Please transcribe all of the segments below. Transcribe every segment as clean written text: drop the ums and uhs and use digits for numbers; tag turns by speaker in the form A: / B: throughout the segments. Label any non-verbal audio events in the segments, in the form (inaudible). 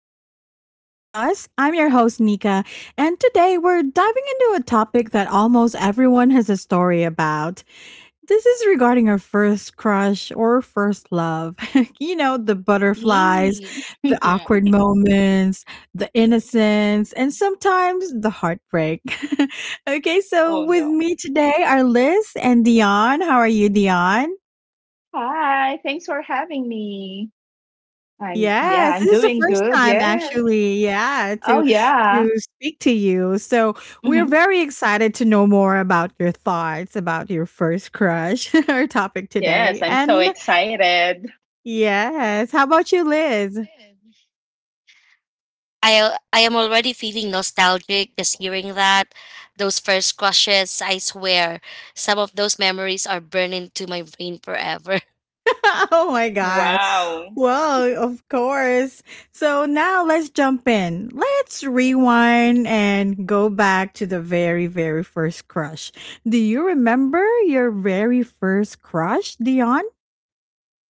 A: back to Chit Chat with us. I'm your host, Nika, and today we're diving into a topic that almost everyone has a story about. This is regarding our first crush or first love. (laughs) The butterflies,
B: Yee. (laughs)
A: the
B: yeah.
A: awkward moments, the innocence, and sometimes the heartbreak. (laughs) Okay, so
B: Oh
A: with
B: no.
A: me today are Liz and Dion. How are you, Dion?
B: Hi. Thanks for having me. I'm yeah.
A: Yes,
B: I'm
A: this is the
B: doing
A: first
B: good.
A: time
B: Yes.
A: actually, yeah,
B: Oh
A: to
B: yeah.
A: to speak to you. So, we're
B: hmm
A: very excited to know more about your thoughts about your first crush, (laughs) our topic
B: Yes.
A: today.
B: I'm so
A: And
B: excited.
A: yes, how about you, Liz? (laughs)
C: I am already feeling nostalgic just hearing that. Those first crushes, I swear, some of those memories are burned into my brain forever.
A: Oh my god.
B: Wow.
A: Well, of course. So now let's jump in. Let's rewind and go back to the very, very first crush. Do you remember your very first crush, Dion?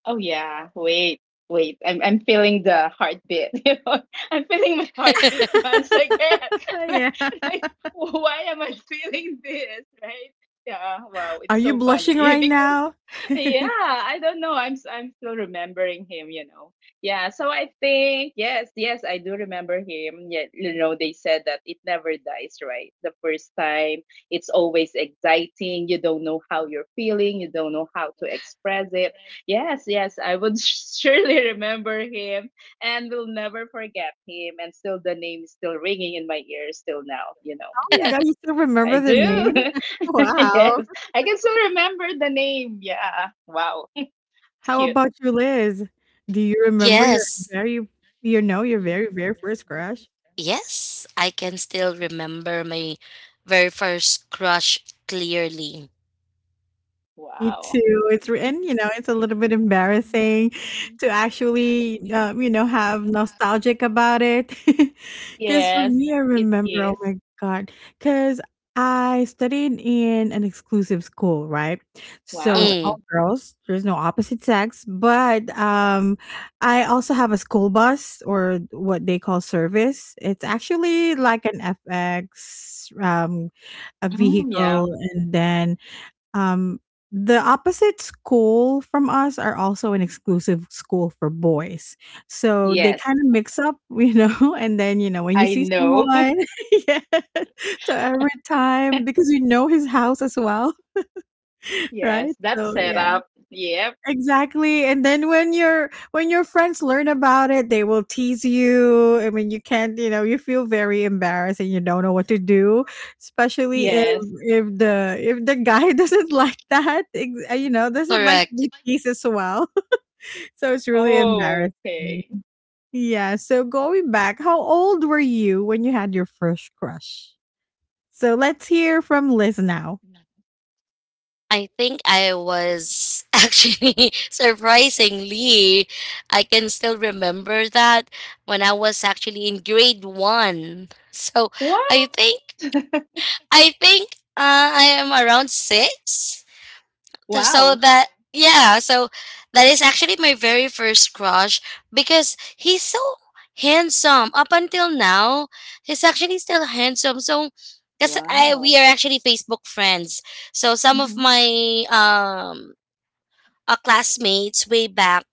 B: Oh yeah. Wait. Wait. I'm feeling the heartbeat. (laughs) You know. I'm feeling my heartbeat
C: (laughs)
B: once again.
A: (laughs) Oh,
B: (laughs) like,
A: yeah.
B: like, why am I feeling this? Right. Yeah. Wow.
A: Are
B: It's
A: you
B: so
A: blushing
B: funny (laughs)
A: right
B: because
A: now? (laughs)
B: yeah, I don't know. I'm still remembering him, you know. Yeah, so I think yes, I do remember him. Yeah, you know, they said that it never dies, right? The first time, it's always exciting. You don't know how you're feeling. You don't know how to express it. Yes, I would (laughs) surely remember him, and will never forget him. And still, the name is still ringing in my ears till now. You know.
A: Oh my
B: Yeah.
A: god, you still
B: I
A: remember
B: do.
A: the name? (laughs)
B: (laughs)
A: Wow.
B: yes. I can still remember the name. Yeah. Wow. It's
A: How
B: cute.
A: about you, Liz? Do you remember your
C: Yes.
A: very your very, very first crush?
C: Yes, I can still remember my very first crush clearly.
A: Me
B: Wow.
A: too. It's re and, it's a little bit embarrassing to actually, have nostalgic about it. (laughs) Because for
B: Yes,
A: me, I
B: it
A: remember, oh
B: is.
A: my god! Because I studied in an exclusive school, right? So it's
B: Wow.
A: all
C: Mm.
A: girls. There's no opposite sex, but I also have a school bus or what they call service. It's actually like an FX, a
B: Mm, yeah.
A: vehicle, and then um, the opposite school from us are also an exclusive school for boys. So they
B: Yes.
A: kind of mix up, (laughs) you know, and then, you know, when you
B: I
A: see
B: know.
A: someone, (laughs) yeah. So every time, because you know his house as well,
B: (laughs)
A: (laughs) right?
B: yes. That
A: So, yeah.
B: setup. Yep.
A: Exactly, and then when your friends learn about it, they will tease you. I mean, you can't, you know, you feel very embarrassed and you don't know what to do, especially if
B: Yes.
A: if the guy (laughs) doesn't like that, you know, doesn't like to
C: Correct.
A: be teased as well. (laughs) So it's really embarrassing.
B: Okay.
A: Yeah. So going back, how old were you when you had your first crush? So let's hear from Liz now.
C: I think I was (laughs) actually surprisingly, I can still remember that when I was actually in grade one. So
B: Wow.
C: I think I am around six. So
B: Wow.
C: that yeah, so that is actually my very first crush because he's so handsome. Up until now, he's actually still handsome. So. Because I
B: Wow.
C: we are actually Facebook friends, so some of
B: hmm
C: my um classmates way back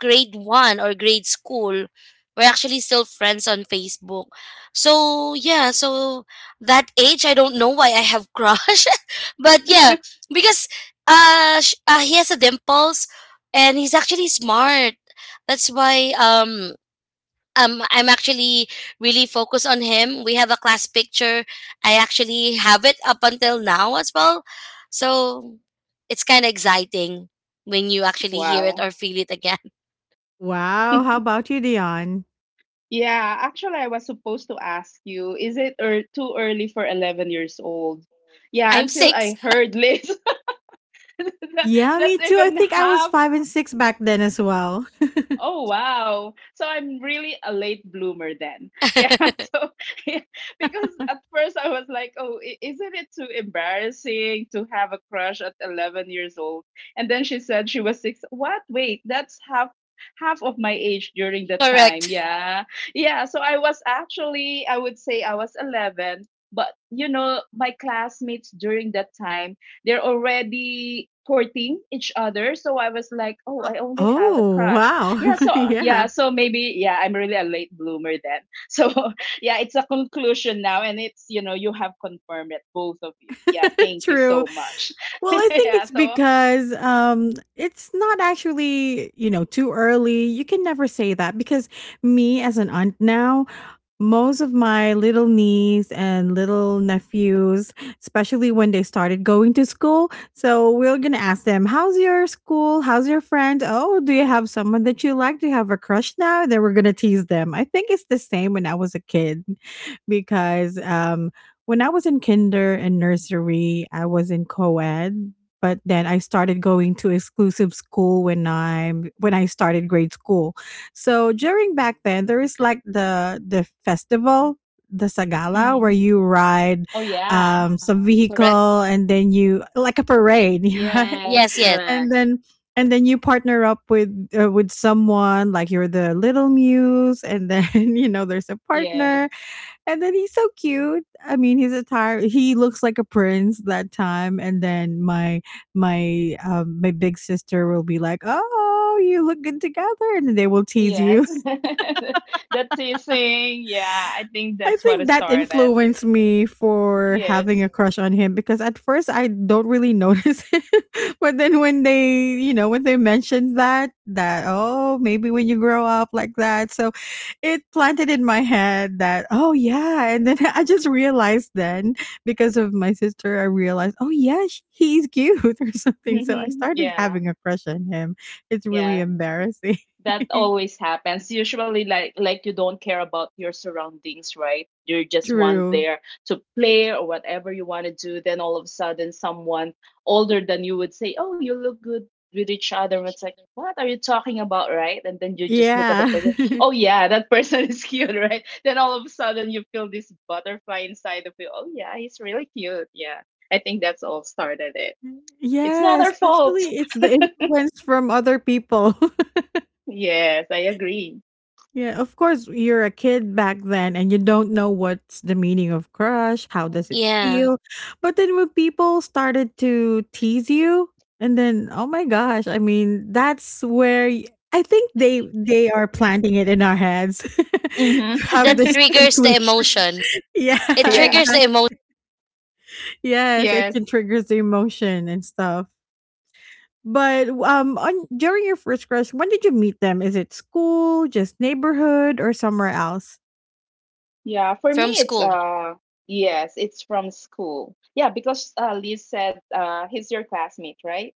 C: grade one or grade school. We're actually still friends on Facebook. So, yeah, so that age, I don't know why I have crush, (laughs) but yeah,
B: (laughs)
C: because he has a dimples, and he's actually smart. That's why I'm actually really focused on him. We have a class picture. I actually have it up until now as well. So it's kind of exciting when you actually hear it
B: Wow.
C: or feel it again.
A: Wow. How about you, Dion?
B: Yeah, actually, I was supposed to ask you, is it too early for 11 years old?
C: (laughs)
B: Yeah,
C: I'm
B: until
C: 6.
B: I heard (laughs) Liz. (laughs) That
A: Yeah, me
B: that's
A: too. I
B: even
A: think I was
B: half.
A: five and six back then as well.
B: Oh wow. So I'm really a late bloomer then. (laughs) Yeah.
C: (laughs)
B: So (laughs) yeah, because at first I was like, oh, isn't it too embarrassing to have a crush at 11 years old? And then she said she was six. What? Wait, that's half half of my age during that time.
C: Correct.
B: Yeah. Yeah, so I was actually I would say I was 11, but you know, my classmates during that time, they're already courting each other. So I was like, oh,
A: Uh,
B: I only have a
A: Oh,
B: crush.
A: wow.
B: Yeah so
A: (laughs)
B: yeah
A: yeah,
B: so maybe yeah I'm really a late bloomer then. (laughs) So yeah, it's a conclusion now, and it's, you know, you have confirmed it, both of you. Yeah,
A: (laughs)
B: thank you
A: true.
B: so much.
A: Well,
B: (laughs)
A: I think
B: Yeah
A: it's
B: so
A: because it's not actually, you know, too early. You can never say that because me as an aunt now, most of my little niece and little nephews, especially when they started going to school. So we're going to ask them, how's your school? How's your friend? Oh, do you have someone that you like? Do you have a crush now? And then we're going to tease them. I think it's the same when I was a kid (laughs) because when I was in kinder and nursery, I was in co ed. But then I started going to exclusive school when I started grade school. So during back then, there is like the festival, the Sagala, where
B: mhm.
A: you ride
B: Oh yeah.
A: some
C: Correct.
A: vehicle and then you like a parade, (laughs) right?
B: Yes,
C: Yes, yes.
B: correct.
A: And then and then you partner up with someone like you're the little muse, and then (laughs) you know there's a partner,
B: Yes,
A: and then he's so cute. I mean, he looks like a prince that time, and then my big sister will be like, oh. You look good together, and then they will tease
B: yes. (laughs)
A: you.
B: the teasing, yeah. I think
A: I
B: that's what
A: think that
B: started it.
A: influenced me for having
B: Yes.
A: a crush on him because at first I don't really notice (laughs) him. But then when they, you know, when they mentioned that, oh, maybe when you grow up like that. So it planted in my head that, oh, yeah. And then (laughs) I just realized then because of my sister, I realized, oh, yeah, he's cute (laughs) or something. So I
B: Hmm,
A: started
B: yeah.
A: having a crush on him. It's really
B: Yeah,
A: embarrassing.
B: that
A: (laughs)
B: always happens. Usually like you don't care about your surroundings, right? You just want
A: True.
B: there to play or whatever you want to do, then all of a sudden someone older than you would say, oh, you look good with each other. And it's like, what are you talking about, right? And then you just look at the
A: Yeah.
B: person. Oh
A: (laughs)
B: yeah, that person (laughs) is cute, right? Then all of a sudden you feel this butterfly inside of you. Oh yeah, he's really cute. Yeah, I think that's all started it.
A: Mm,
B: It's not
A: yeah,
B: our
A: especially
B: fault.
A: it's the influence from other people. (laughs)
B: (laughs) Yes, I agree.
A: Yeah, of course, you're a kid back then and you don't know what's the meaning of crush, how does it
C: Yeah.
A: feel? But then when people started to tease you, and then oh my gosh, I think they are planting it in our heads (laughs) to have
C: That
A: this
B: Mm-hmm. (laughs)
C: triggers the
A: conclusion.
C: emotion.
A: (laughs) Yeah,
C: It
B: Yeah.
C: triggers
A: exactly.
C: the emotion
A: Yes, it
B: Yes.
A: can trigger the emotion and stuff. But on during your first crush, when did you meet them? Is it school, just neighborhood, or somewhere else?
B: Yeah. For me,
C: from
B: it's
C: school.
B: yes, it's from school. Yeah, because Liz said he's your classmate, right?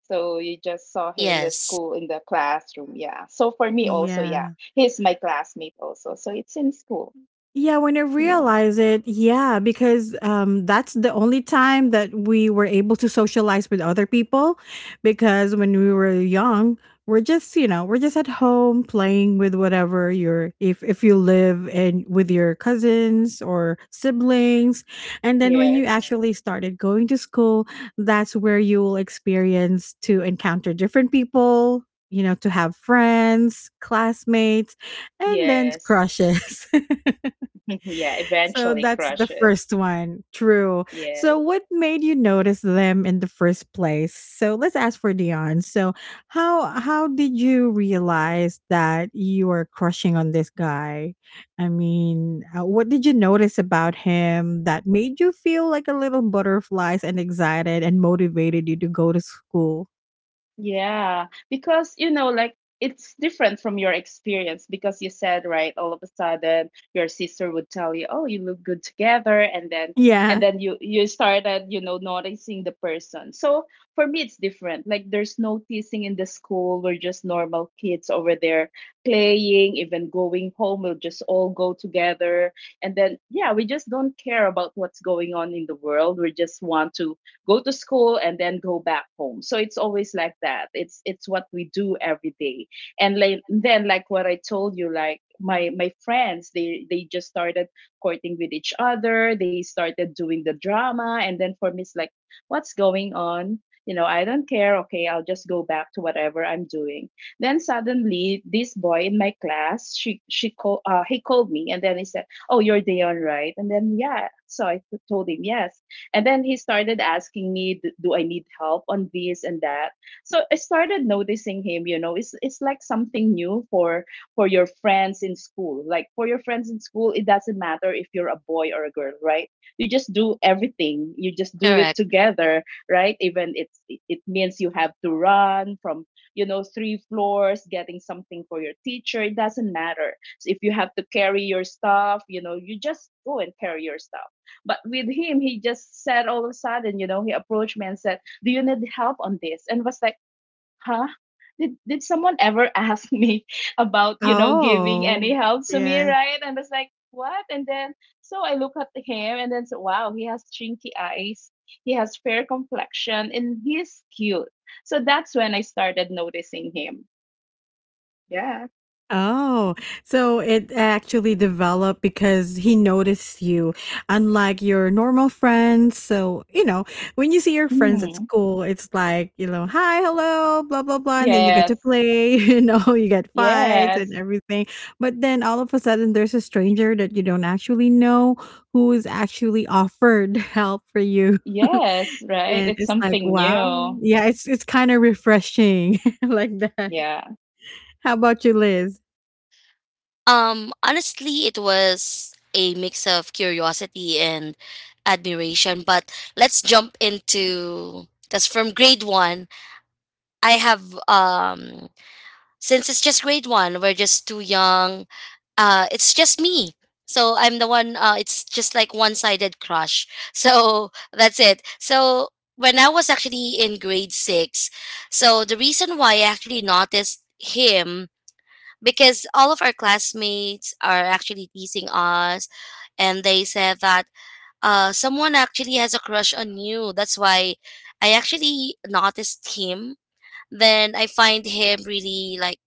B: So you just saw him in the
C: Yes.
B: school, in the classroom. Yeah. So for me also, yeah,
A: Yeah.
B: he's my classmate also. So it's in school.
A: Yeah, when I
B: Yeah.
A: realize it, yeah, because that's the only time that we were able to socialize with other people. Because when we were young, we're just at home playing with whatever your if you live and with your cousins or siblings, and then when you
B: Yes.
A: actually started going to school, that's where you will experience to encounter different people. You know, to have friends, classmates, and then
B: Yes.
A: crushes. (laughs)
B: (laughs) Yeah.
A: So
B: Eventually
A: that's the
B: crushes.
A: first one. True.
B: Yes.
A: So what made you notice them in the first place? So let's ask for Dion. So how did you realize that you were crushing on this guy? I mean, what did you notice about him that made you feel like a little butterflies and excited and motivated you to go to school?
B: Yeah, because you know, like, it's different from your experience because you said, right, all of a sudden your sister would tell you, "Oh, you look good together," and then
A: (laughs)
B: and
A: Yeah.
B: then you you started, you know, noticing the person. So for me, it's different. Like, there's no teasing in the school. We're just normal kids over there playing, even going home. We'll just all go together, and then yeah, we just don't care about what's going on in the world. We just want to go to school and then go back home. So it's always like that. It's what we do every day. And like, then like what I told you, like my friends, they just started courting with each other. They started doing the drama. And then for me it's like, what's going on? You know, I don't care. Okay, I'll just go back to whatever I'm doing. Then suddenly this boy in my class, he called me and then he said, oh, you're Dion, right? And then yeah, so told him yes. And then he started asking me, "Do I need help on this and that?" So I started noticing him. You know, it's like something new for your friends in school. Like for your friends in school, it doesn't matter if you're a boy or a girl, right? You just do everything. You just do it
C: Correct.
B: together, right? Even it means you have to run from, you know, three floors getting something for your teacher. It doesn't matter. So if you have to carry your stuff, you know, you just go and carry your stuff. But with him, he just said all of a sudden, you know, he approached me and said, do you need help on this? And was like, huh? Did someone ever (laughs) ask me about, you know, giving any
A: Oh.
B: help to me, right? And I was like, what? And then so I look at him and then, so wow, he has chinky eyes, he has fair complexion, and he's cute. So that's when I started noticing him. Yeah.
A: Oh, so it actually developed because he noticed you, unlike your normal friends. So, you know, when you see your friends at
B: Mm.
A: school, it's like, you know, hi, hello, blah, blah, blah. And then you get to
B: Yes.
A: play, (laughs) you know, you get fights and
B: Yes.
A: everything. But then all of a sudden, there's a stranger that you don't actually know who is actually offered (laughs) help for you. (laughs)
B: Yes. Right.
A: And
B: It's
A: it's like,
B: something
A: wow.
B: new.
A: Yeah, it's kind of refreshing (laughs) like that.
B: Yeah.
A: How about you, Liz?
C: Honestly, it was a mix of curiosity and admiration. But let's jump into because from grade one, I have since it's just grade one, we're just too young. It's just me. So I'm the one. It's just like one-sided crush. (laughs) So that's it. So when I was actually in grade six, so the reason why I actually noticed him, because all of our classmates are actually teasing us, and they said that someone actually has a crush on you. That's why I actually noticed him. Then I find him really like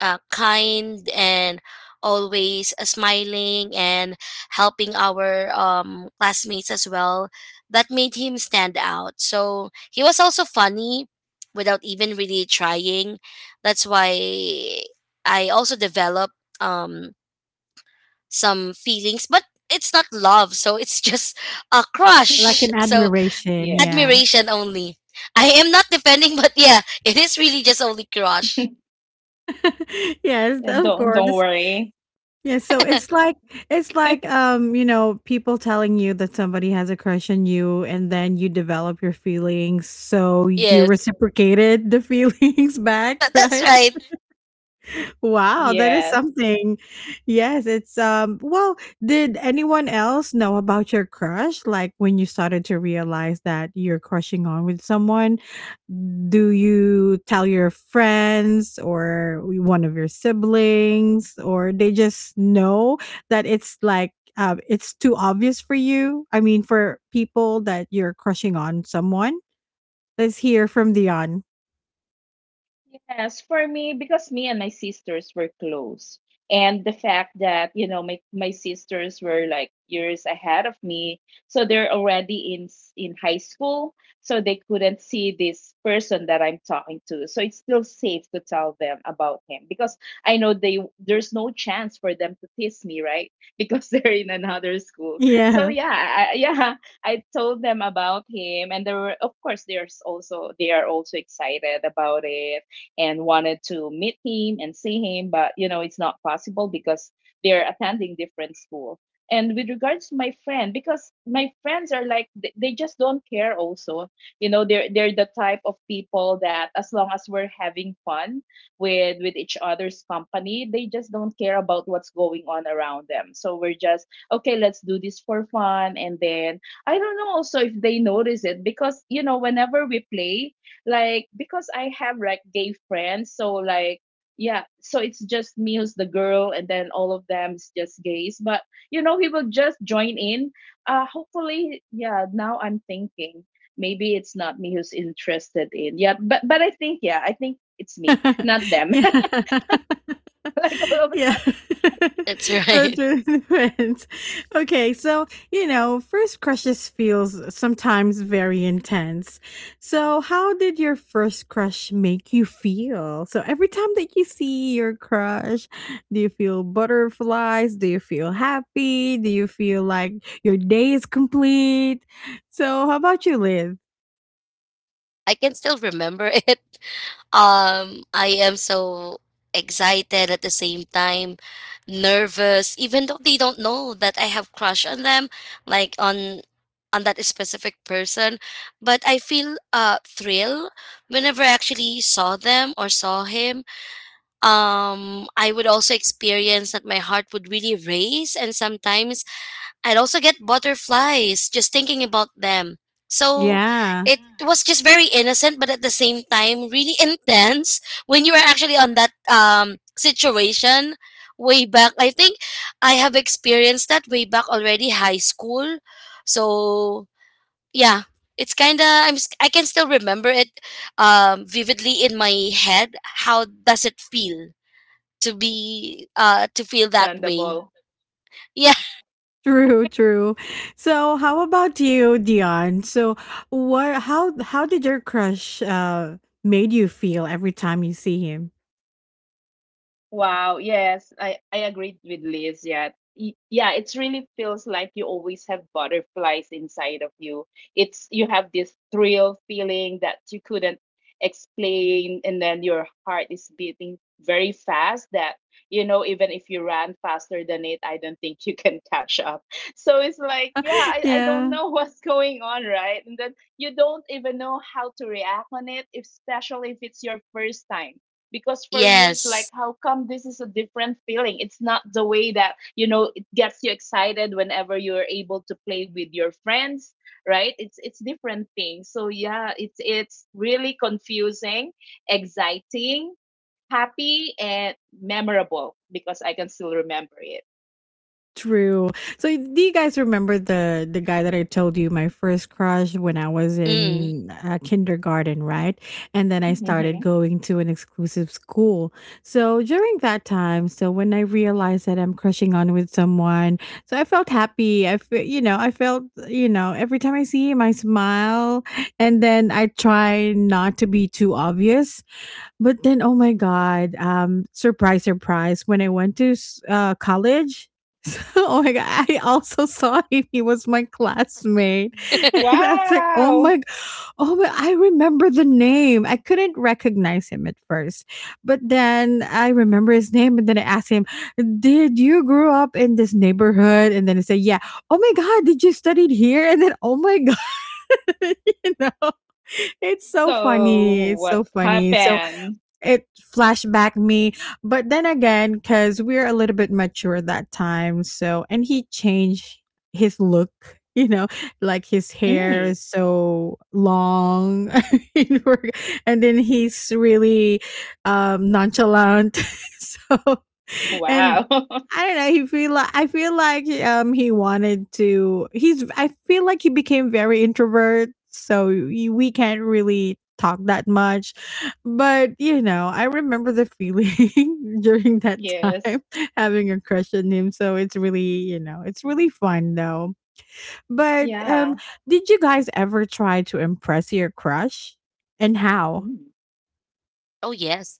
C: uh, kind, and always smiling and helping our classmates as well. That made him stand out. So he was also funny without even really trying. That's why I also developed um, some feelings, but it's not love. So it's (laughs) just a
A: Like
C: crush.
A: an
C: So,
A: admiration,
B: Yeah.
A: yeah.
C: admiration only. I am not defending, (laughs) but yeah, it is really just only crush.
B: (laughs)
A: (laughs) Yes, of
B: Don't
A: course.
B: worry.
A: Yeah, so it's like,
B: (laughs)
A: you know, people telling you that somebody has a crush on you and then you develop your feelings, so you
C: Yes,
A: reciprocated the feelings (laughs)
C: (laughs)
A: back,
C: that's
A: right?
C: right.
A: Wow, that is
B: Yeah.
A: something. Yes, it's well, did anyone else know about your crush? Like when you started to realize that you're crushing on with someone, do you tell your friends or one of your siblings or they just know that it's like it's too obvious for you? I mean, for people that you're crushing on someone. Let's hear from Dion.
B: Yes, for me, because me and my sisters were close, and the fact that, you know, my sisters were like years ahead of me, so they're already in high school, so they couldn't see this person that I'm talking to. So it's still safe to tell them about him because I know they there's no chance for them to tease me, right? (laughs) Because they're in another school. So
A: Yeah.
B: yeah, yeah, I told them about him, and they were, of course, there's also they are also excited about it and wanted to meet him and see him, but you know, it's not possible because they're attending different school. And with regards to my friend, because my friends are like, they just don't care also. You know, they're the type of people that as long as we're having fun with each other's company, they just don't care about what's going on around them. So we're just okay, let's do this for fun. And then I don't know also if they notice it, because you know whenever we play, like because I have like gay friends, so like yeah, so it's just me who's the girl, and then all of them's just gays. But you know, he will just join in. Hopefully, yeah. Now I'm thinking maybe it's not me who's interested in, yeah, but I think yeah, I think it's me, not
A: (laughs)
B: them.
A: yeah. (laughs)
B: (laughs) Like all of us.
A: Yeah. (laughs)
C: That's (laughs)
A: So
C: right.
A: true, depends. Okay, so, you know, first crushes feels sometimes very intense. So, how did your first crush make you feel? So, every time that you see your crush, do you feel butterflies? Do you feel happy? Do you feel like your day is complete? So, how about you, Liz?
C: I can still remember (laughs) it. I am so excited, at the same time nervous, even though they don't know that I have crush on them, like on that specific person. But I feel thrill whenever I actually saw them or saw him. I would also experience that my heart would really race, and sometimes I'd also get butterflies just thinking about them. So
A: Yeah.
C: it, yeah, was just very innocent, but at the same time really intense when you were actually on that situation way back. I think I have experienced that way back already, high school. So yeah, it's kind of I can still remember it vividly in my head. How does it feel to be to feel that way?
B: Understandable.
C: Yeah.
A: True, true. So, how about you, Dion? So, what? How did your crush made you feel every time you see him?
B: Wow, yes, I agreed with Liz. Yeah. Yeah, it's really feels like you always have butterflies inside of you. It's you have this thrill feeling that you couldn't explain, and then your heart is beating very fast that you know even if you ran faster than it, I don't think you can catch up. (laughs) So it's like, yeah,
A: (laughs)
B: I don't
A: Yeah.
B: know (laughs) what's going on, right? And then you don't even know how to react on it, especially if it's your first time because for you it's like,
C: Yes.
B: how come this is a different feeling? It's not the way that, you know, it gets you excited whenever you're able to play with your friends, right? It's different thing. So yeah, it's really confusing, exciting, happy, and memorable, because I can still remember it.
A: True. So do you guys remember the guy that I told you my first crush when I was
C: Mm.
A: in kindergarten, right? And then I
B: Hmm.
A: started going to an exclusive school. So during that time, so when I realized that I'm crushing on with someone, so I felt happy. I feel, you know, I felt, you know, every time I see him I smile and then I try not to be too obvious but then, oh my god! Surprise, surprise! When I went to college, (laughs) so, oh my god, I also saw (laughs) him. He was my classmate, (laughs) and I was like, oh
B: Wow.
A: my, oh my! I remember the name. I couldn't recognize him at first, but then I remember his name, and then I asked him, "Did you grow up in this neighborhood?" And then he said, "Yeah." Oh my god, did you studied here? And then, oh my (laughs) god, (laughs) you know. It's so
B: So
A: funny. It's
B: what
A: so funny. So
B: happened?
A: it flashback me but then again because we're a little bit mature that time so and he changed his look (laughs) you know like his hair
B: Mm,
A: is so long (laughs) in work, and then he's really nonchalant (laughs) so
B: wow.
A: and
B: (laughs)
A: I don't know. He feel like I feel like he wanted to. He's I feel like he became very introvert, so we can't really talk that much. But, you know, I remember the feeling (laughs) during that
B: Yes,
A: time (laughs) having a crush on him, so it's really, you know, it's really fun though. But,
B: yeah.
A: did you guys ever try to impress your crush? And how?
B: Mm.
C: Oh yes.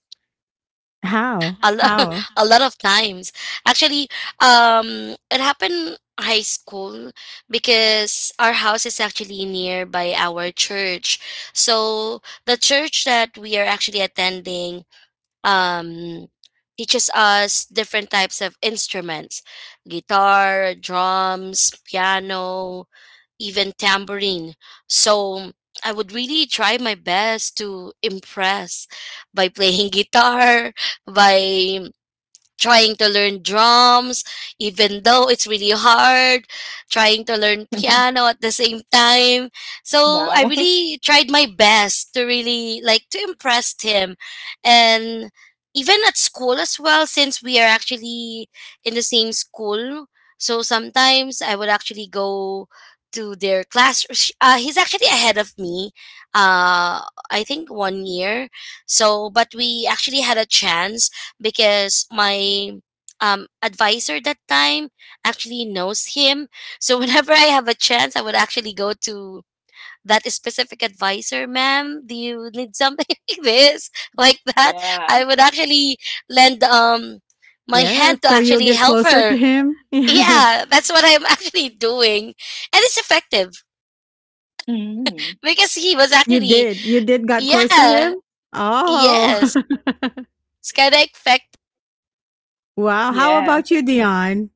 A: How?
C: Uh-huh. A lot,
A: How?
C: (laughs) a lot of times. Actually, it happened high school because our house is actually nearby our church. So the church that we are actually attending um, teaches us different types of instruments: guitar, drums, piano, even tambourine. So I would really try my best to impress by playing (laughs) guitar, by trying to learn drums, even though it's really hard, trying to learn
B: (laughs)
C: piano at the same time. So I
B: Wow.
C: really tried my best to really like to impress him. And even at school as well, since we are actually in the same school. So sometimes I would actually go to their class. He's actually ahead of me, uh, I think 1 year. So, but we actually had a chance because my advisor that time actually knows him. (laughs) So whenever I have a chance, I would actually go to that specific advisor. Ma'am, do you need something (laughs) like this, like that?
B: Yeah.
C: I would actually lend my
A: Yeah,
C: hand to
A: so you'll
C: actually
A: get
C: help
A: closer to
C: her.
A: him? (laughs)
C: Yeah, that's what I'm (laughs) actually doing, and it's effective
B: Mhm.
C: because he was
A: Yeah. You
C: actually.
A: did. You did got close to
C: Yeah,
A: him? Oh. (laughs)
C: yes. It's kind of effective.
A: Wow, how
B: Yeah.
A: about you, Dion?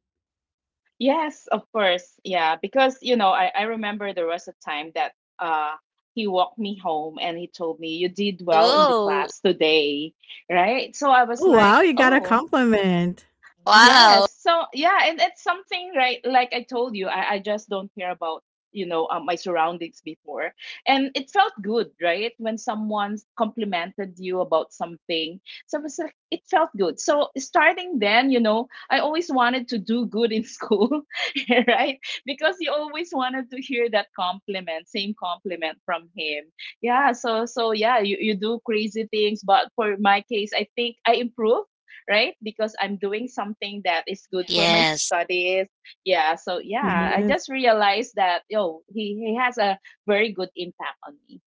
B: Yes, of course. Yeah, because you know, I remember there was a time that uh he walked me home and he told me, you did well in the
C: Oh
B: class today, right? So I was
A: Oh, wow,
B: like,
A: you got a
B: "Oh,
A: compliment.
C: wow.
B: yes." So yeah, and it's something, right? Like I told you, I just don't care about, you know, my surroundings before, and it felt good, right? When someone complimented you about something, was like, it felt good. So starting then, you know, I always wanted to do good in school, (laughs) right? Because you always wanted to hear that compliment, same compliment from him. Yeah. So so yeah, you do crazy things, but for my case, I think I improved, right? Because I'm doing something that is good for my
C: Yes.
B: studies. Yeah. So yeah, I
A: Yes.
B: just realized that yo, he has a very good impact on me.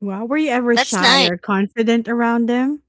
A: Wow, were you ever
C: That's
A: shy
C: nice.
A: or confident around them?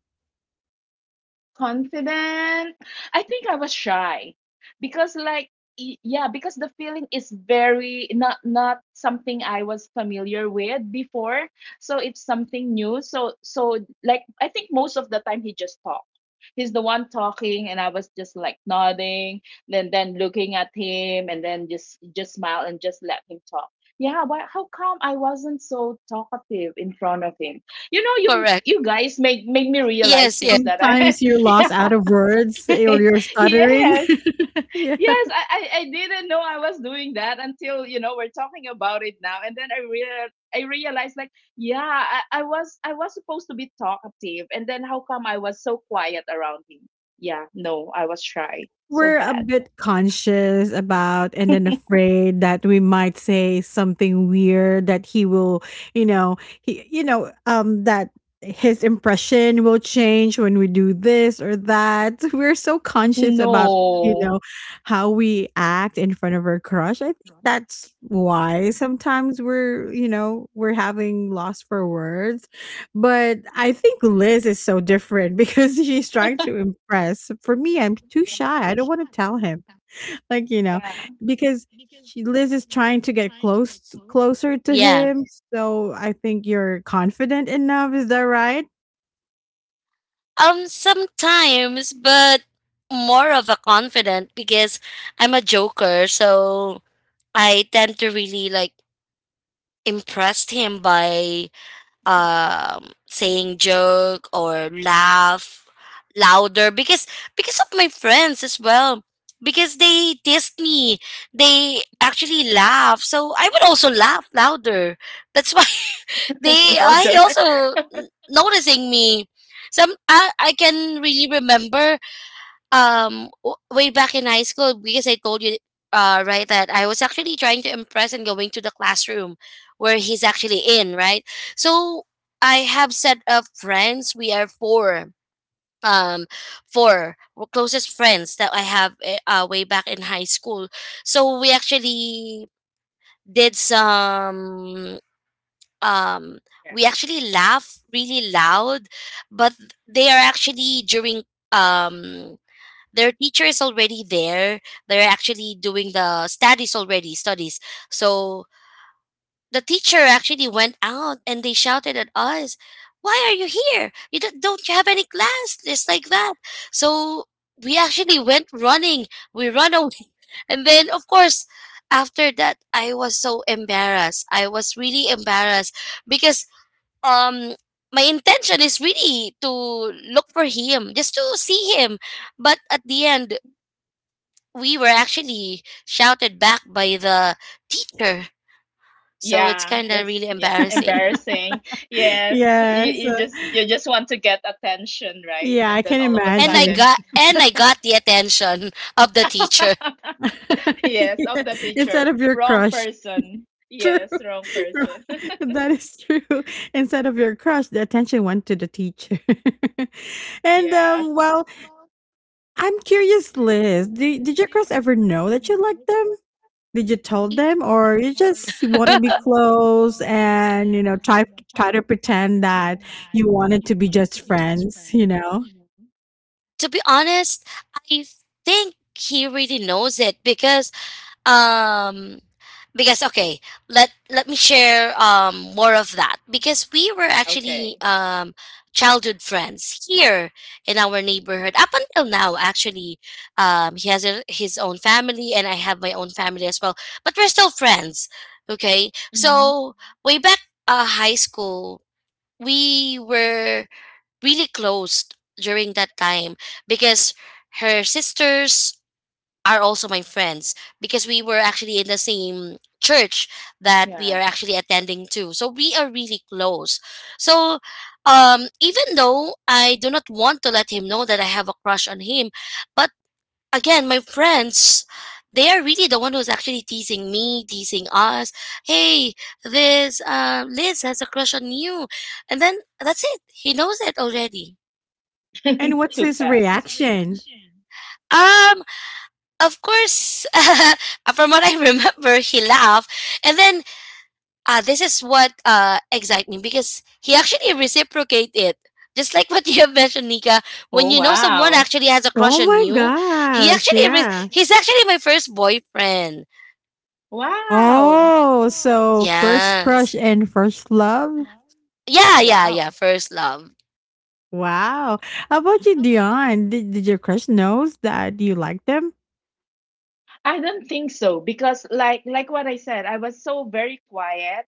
B: Confident. I think I was shy because like yeah, because the feeling is very not something I was familiar with before. So it's something new. So so like I think most of the time he just talked. He's the one talking and I was just like nodding, then looking at him and then just smile and just let him talk. Yeah, why how come I wasn't so talkative in front of him? You know, you
C: Correct.
B: you guys make me realize
C: Yes, yes.
B: things that I
A: Sometimes
B: (laughs)
A: you're lost
B: Yeah.
A: out of words eh, or you're
B: (laughs)
A: stuttering.
B: Yes.
A: (laughs) Yeah.
B: Yes. I didn't know I was doing that until, you know, we're talking about it now. And then I realized like, yeah, I was I was supposed to be talkative. And then how come I was so quiet around him? Yeah, no, I was shy. So
A: We're a
B: bad.
A: bit conscious about and then afraid that we might say something weird that he will you know he that his impression will change when we do this or that. (laughs) We're so conscious about you
B: No.
A: know how we act in front of our crush, I think that's why sometimes we're having loss for words. But I think Liz is so different (laughs) because she's trying to impress. For me, I'm too shy. I don't want to tell him. (laughs) Like, you know,
B: Yeah.
A: because she, Liz is trying to get closer to
C: Yeah.
A: him. So I think you're confident enough, is that right?
C: Sometimes, but more of a confident because I'm a joker, so I tend to really like impressed him by saying joke or laugh louder because of my friends as well. Because they teased me. They actually laugh. So I would also laugh louder. That's why
B: Yeah. (laughs)
C: They
B: Louder.
C: I
B: Yeah.
C: also noticing me. Some I can really remember way back in high school because I told you right that I was actually trying to impress and going to the classroom where he's actually in, right? So I have set of friends. We are um four closest friends that I have, way back in high school. So we actually did some um we actually laugh really loud, but they are actually during um their teacher is already there, they're actually doing the studies already studies. So the teacher actually went out and they shouted at us, why are you here, you don't you have any class, just like that. So we actually went running, we run away (laughs) and then of course, after that, I was so embarrassed, I was really embarrassed because um my intention is really to look for him, just to see him. But at the end, we were actually shouted back by the teacher. So it's
B: Yeah,
C: kind of really
B: that's
C: embarrassing.
B: embarrassing.
A: (laughs)
B: Yes. You
A: Yes.
B: you just you just want to get attention, right?
A: Yeah, I
B: And then
A: can
B: all of a
C: and i
A: imagine.
B: sudden.
C: got imagine. and i got the attention of the teacher,
B: (laughs) (laughs)
A: (laughs)
B: Yes,
A: Yeah.
B: of the
A: Instead
B: teacher.
A: of your
B: Wrong
A: crush.
B: person.
A: (laughs) True.
B: Yes, wrong
A: (laughs)
B: person. (laughs)
A: That is true. Instead of your crush, the attention went to the teacher. (laughs) and
B: Yes.
A: um well, I'm curious, Liz. Did your girls ever know that you liked them? Did you tell them, or you just
C: you just
A: wanna be
C: (laughs)
A: close and, try to pretend that you wanted to be just friends, you know?
C: To be honest, I think he really knows it um because okay, let me share more of that, because we were
B: Okay.
C: actually childhood friends here in our neighborhood up until now. Actually he has his own family and I have my own family as well, but we're still friends. Okay,
B: Hmm.
C: so way back high school, we were really close during that time because her sisters are also my friends, because we were actually in the same church that
B: Yeah.
C: we are actually attending to. So we are really close. So even though I do not want to let him know that I have a crush on him, but again, my friends they are really the one who's actually teasing me, teasing us. Hey, this Liz has a crush on you. And then that's it. He knows it already.
A: And
B: (laughs)
A: what's
B: Too
A: his
B: fast.
A: reaction?
C: Um, Of course, (laughs) from what I remember, he laughed. And then this is what excited me, because he actually reciprocated it. Just like what (laughs) you have mentioned, Nika,
B: Oh,
C: when you know someone
B: wow.
C: actually has a
A: Oh
C: crush on
A: my
C: you,
A: gosh, yeah.
C: he's actually my first boyfriend.
B: Wow.
A: Oh, so first crush
C: Yes.
A: and first love?
C: Yeah, yeah, yeah.
B: Wow.
C: First love.
A: Wow. How about you, Dion? Did your crush knows that you like them?
B: I don't think so because like what I said, I was so very quiet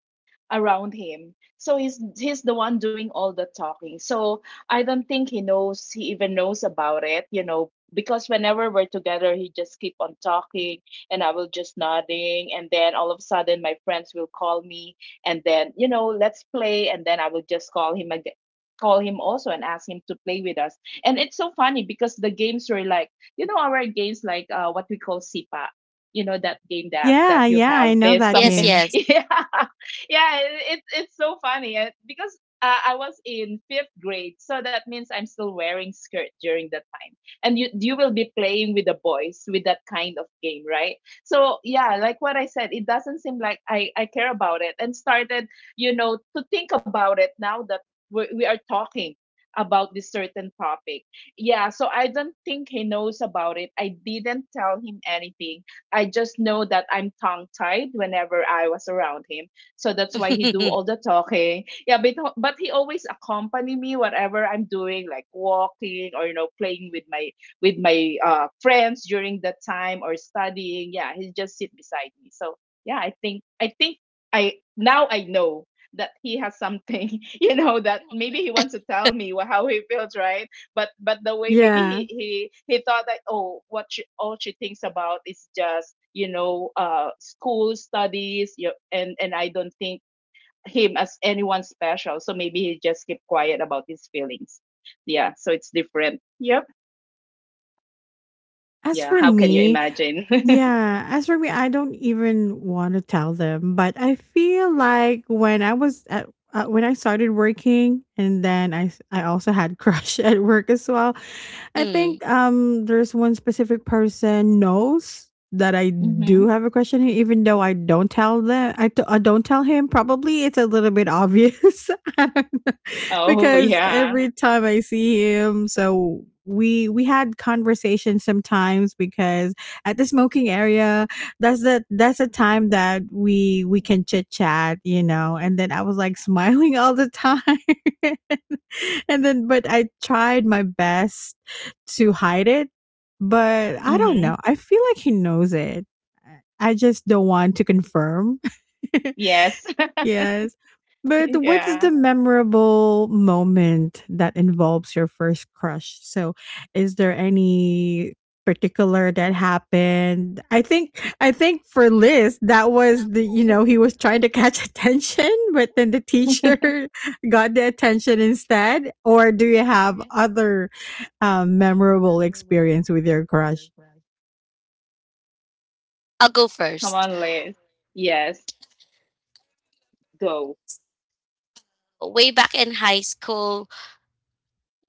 B: around him. So he's the one doing all the talking. So I don't think he even knows about it, you know, because whenever we're together he just keep on talking and I will just nodding and then all of a sudden my friends will call me and then, you know, let's play and then I will just call him again, call him also and ask him to play with us. And it's so funny because the games were like, you know, our games like what we call sipa, you know, that game that
A: Yeah,
B: you
A: yeah,
B: have
A: I know
B: this
A: that
C: Yes,
B: something.
A: game.
B: (laughs)
C: nice.
B: Yeah. Yeah, it's so funny because I was in fifth grade, so that means I'm still wearing skirt during that time, and you will be playing with the boys with that kind of game, right? So yeah, like what I said, it doesn't seem like I care about it, and started, you know, to think about it now that we are talking about this certain topic. Yeah, so I don't think he knows about it. I didn't tell him anything. I just know that I'm tongue tied whenever I was around him. So that's why he do
C: Yes.
B: all the
C: (laughs)
B: talking. Yeah, but he always accompany me whatever I'm doing, like walking or, you know, playing with my friends during that time or studying. Yeah, he just sit beside me. So yeah, I think I now I know that he has something, (laughs) you know, that maybe he wants to tell me how he feels, right? But the way maybe
A: Yeah.
B: he thought that, oh, all she thinks about is just, you know, school studies and I don't think him as anyone special, so maybe he just keep quiet about his feelings. Yeah, so it's different. Yep.
A: As
B: Yeah,
A: for
B: how can you
A: me,
B: imagine?
A: yeah, as for me, I don't even want to tell them, but I feel like when I started working, and then I also had crush (laughs) at work as well. I
C: Mm.
A: think there's one specific person knows that I
B: (laughs)
A: do
B: Hmm.
A: have a crush on him, even though I don't tell them. I don't tell him. Probably it's a little bit obvious. (laughs) I don't know,
B: Oh,
A: because
B: yeah.
A: every time I see him, so we had conversations sometimes because at the smoking area, that's the time that we can chit chat, and then I was like (laughs) smiling all the time. (laughs) And then, but I tried my best to hide it, but I don't
B: Hmm.
A: know, I feel like he knows it. I I just don't want to confirm. (laughs)
B: Yes.
A: Yes.
B: (laughs)
A: But what's
B: Yeah.
A: the memorable moment that involves your first crush? So, is there any particular that happened? I think for Liz, that was the, you know, he was trying to catch (laughs) attention, but then the teacher
B: (laughs)
A: (laughs) got the attention instead. Or do you have other memorable experience with your crush?
C: I'll go
B: Come
C: first.
B: on, Liz. Yes. Go.
C: Way back in high school,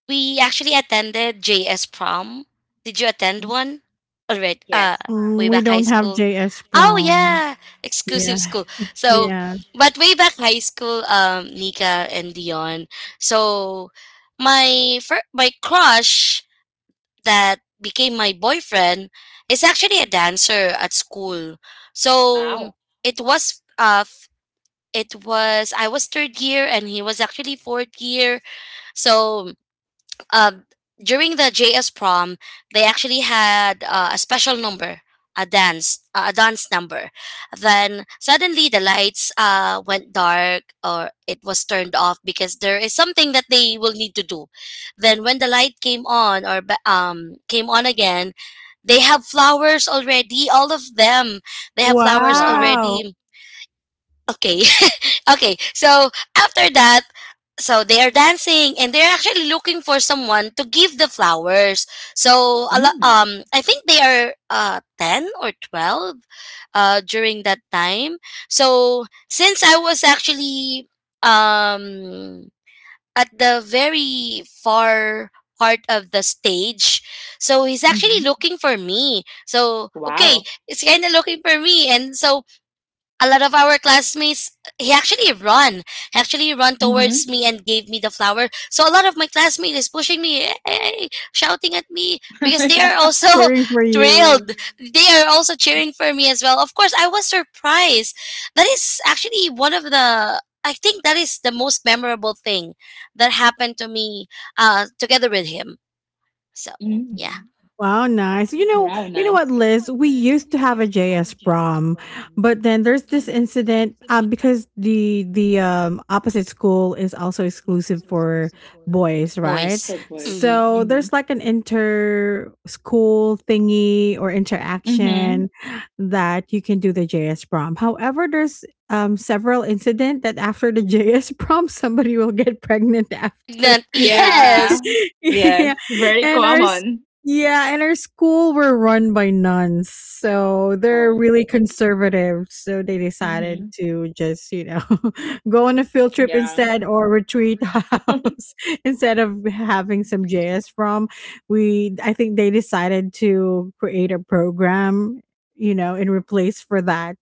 C: we actually attended JS prom. Did you attend
B: Mm,
C: one already?
B: yes.
A: Mm,
C: Way
A: we
C: back high
A: don't have
C: school.
A: JS
C: Oh
A: Brown.
C: yeah,
A: Yeah.
C: exclusive school. So,
A: Yeah.
C: but way back high school, Nika and Dion. So, my crush that became my boyfriend is actually a dancer at school. So
B: Wow.
C: it was f- it was I was third year and he was actually fourth year. So, um, during the JS prom, they actually had a special number, a dance number. Then suddenly the lights went dark, or it was turned off because there is something that they will need to do. Then when the light came on, came on again, they have flowers already. All of them, they have flowers
B: Wow.
A: Wow.
C: already. Okay, Okay, so after that, so they are dancing and they're actually looking for someone to give the flowers.
B: Mm.
C: I think they are 10 or 12 during that time. So since I was actually um at the very far part of the stage, so he's actually
B: Hmm.
C: looking for me. So okay,
B: Wow.
C: he's kind of looking for me, and so a lot of our classmates, he actually run he actually run towards
B: Mhm.
C: me and gave me the flower. So a lot of my classmates is pushing me, shouting at me
B: (laughs)
C: because they
B: Yeah.
C: are also (laughs)
A: Cheering for you.
C: thrilled, they are also cheering for me as well. Of course, I was surprised. That is actually one of the, I think that is the most memorable thing that happened to me, together with him. So, yeah.
B: Mm.
A: Wow, nice.
B: Wow,
A: You know what,
B: nice.
A: Liz? We used to have a JS prom, but then there's this incident because the opposite school is also exclusive for boys, right?
C: Boys.
B: For boys.
C: Hmm.
A: So
B: Mhm.
A: there's like an inter school thingy or
B: Mhm.
A: interaction that you can do the JS prom. However, there's several incident that after the (laughs) JS prom somebody will get pregnant after.
C: Pregnant. (laughs)
B: Yeah.
C: Yes.
A: (laughs) Yeah.
B: Yes, very
A: And our
B: common.
A: Yeah, and our school were run by nuns, so they're
B: Oh.
A: really conservative. So they decided
B: Mhm.
A: to just, you know, (laughs) go on a field trip
B: Yeah.
A: instead or retreat (laughs)
B: (laughs)
A: house instead of having some JS from. We I think they decided to create a program, you know, in replace for that.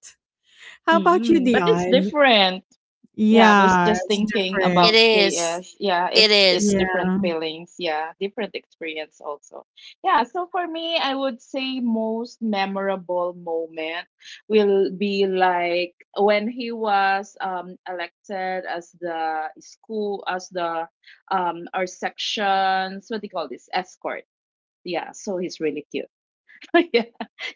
A: How about you,
B: Mm, but it's
A: Dion?
B: different. Yeah, I was
A: Yeah,
B: just
A: it's
B: thinking
A: different.
C: It
B: about
C: is.
B: JS. Yeah,
C: It is.
B: it's different
A: Yeah.
B: feelings. Yeah, different experience also. Yeah, so for me, I would say most memorable moment will be like when he was elected as the school as the our sections, what do you call this? Escort. Yeah, so he's really cute. (laughs) Yeah,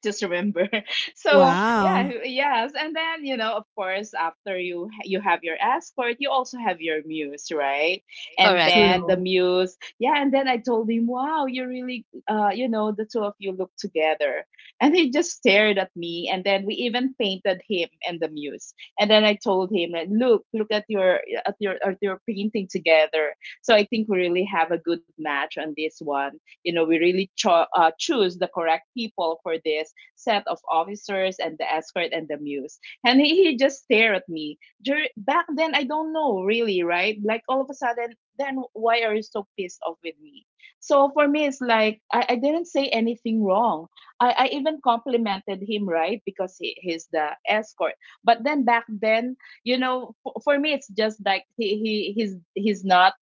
B: just remember. (laughs) So yeah,
A: Wow.
B: yes, and then, you know, of course after you you have your escort you also have your muse, right? And
C: Correct.
B: then the
A: True.
B: muse, yeah, and then I told him, wow, you really you know, the two of you look together. And he just stared at me. And then we even painted him and the muse. And then I told him like, look at your at your painting together. So I think we really have a good match on this one. You know, we really choose the correct people for this set of officers and the escort and the muse. And he just stared at me. Back then I don't know really, right? Like all of a sudden, then why are you so pissed off with me? So for me it's like I didn't say anything wrong. I even complimented him, right? Because he's the escort. But then back then, you know, for me it's just like he's not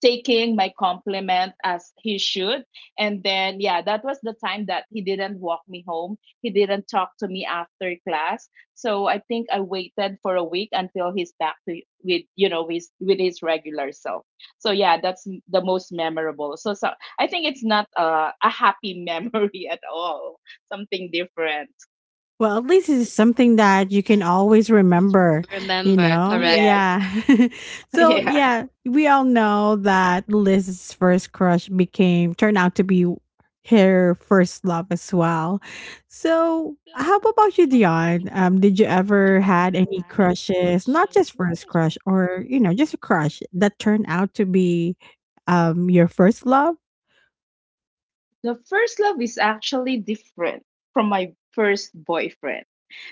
B: taking my compliment as he should. And then, yeah, that was the time that he didn't walk me home. He didn't talk to me after class. So I think I waited for a week until he's back to, with you know, with his regular self. So yeah, that's the most memorable. So so I think it's not a happy memory (laughs) at all. Something different.
A: Well, at least it's something that you can always remember, you
C: Remember,
A: know?
C: correct.
B: Yes.
A: Yeah. (laughs)
B: (laughs)
A: So,
B: Yeah.
A: yeah, we all know that Liz's first crush turned out to be her first love as well. So, how about you, Dion? Did you ever had any crushes, not just first crush or, you know, just a crush that turned out to be your first love?
B: The first love is actually different from my first boyfriend.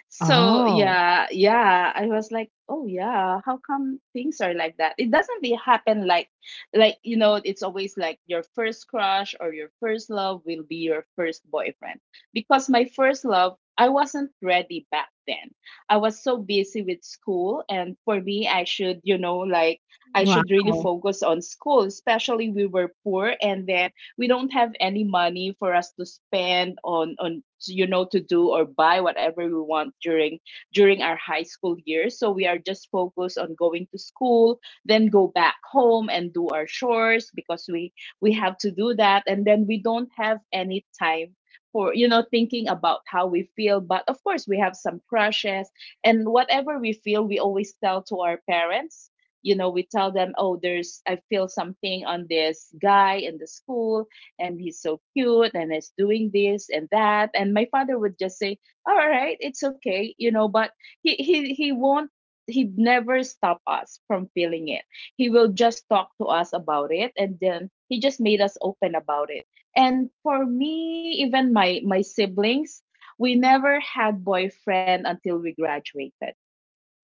B: So
A: Oh,
B: yeah, I was like, oh yeah, how come things are like that? It doesn't be happen like, you know, it's always like your first crush or your first love will be your first boyfriend. Because my first love, I wasn't ready back then. I was so busy with school, and for me I should, you know, like, I
A: wow.
B: should really focus on school, especially we were poor. And then we don't have any money for us to spend on you know, to do or buy whatever we want during our high school years. So we are just focused on going to school, then go back home and do our chores, because we have to do that. And then we don't have any time for, you know, thinking about how we feel. But of course we have some crushes, and whatever we feel we always tell to our parents. You know, we tell them, oh, there's I feel something on this guy in the school, and he's so cute and is doing this and that. And my father would just say, all right, it's okay, you know. But he won't, he never stop us from feeling it. He will just talk to us about it, and then he just made us open about it. And for me, even my siblings, we never had boyfriend until we graduated.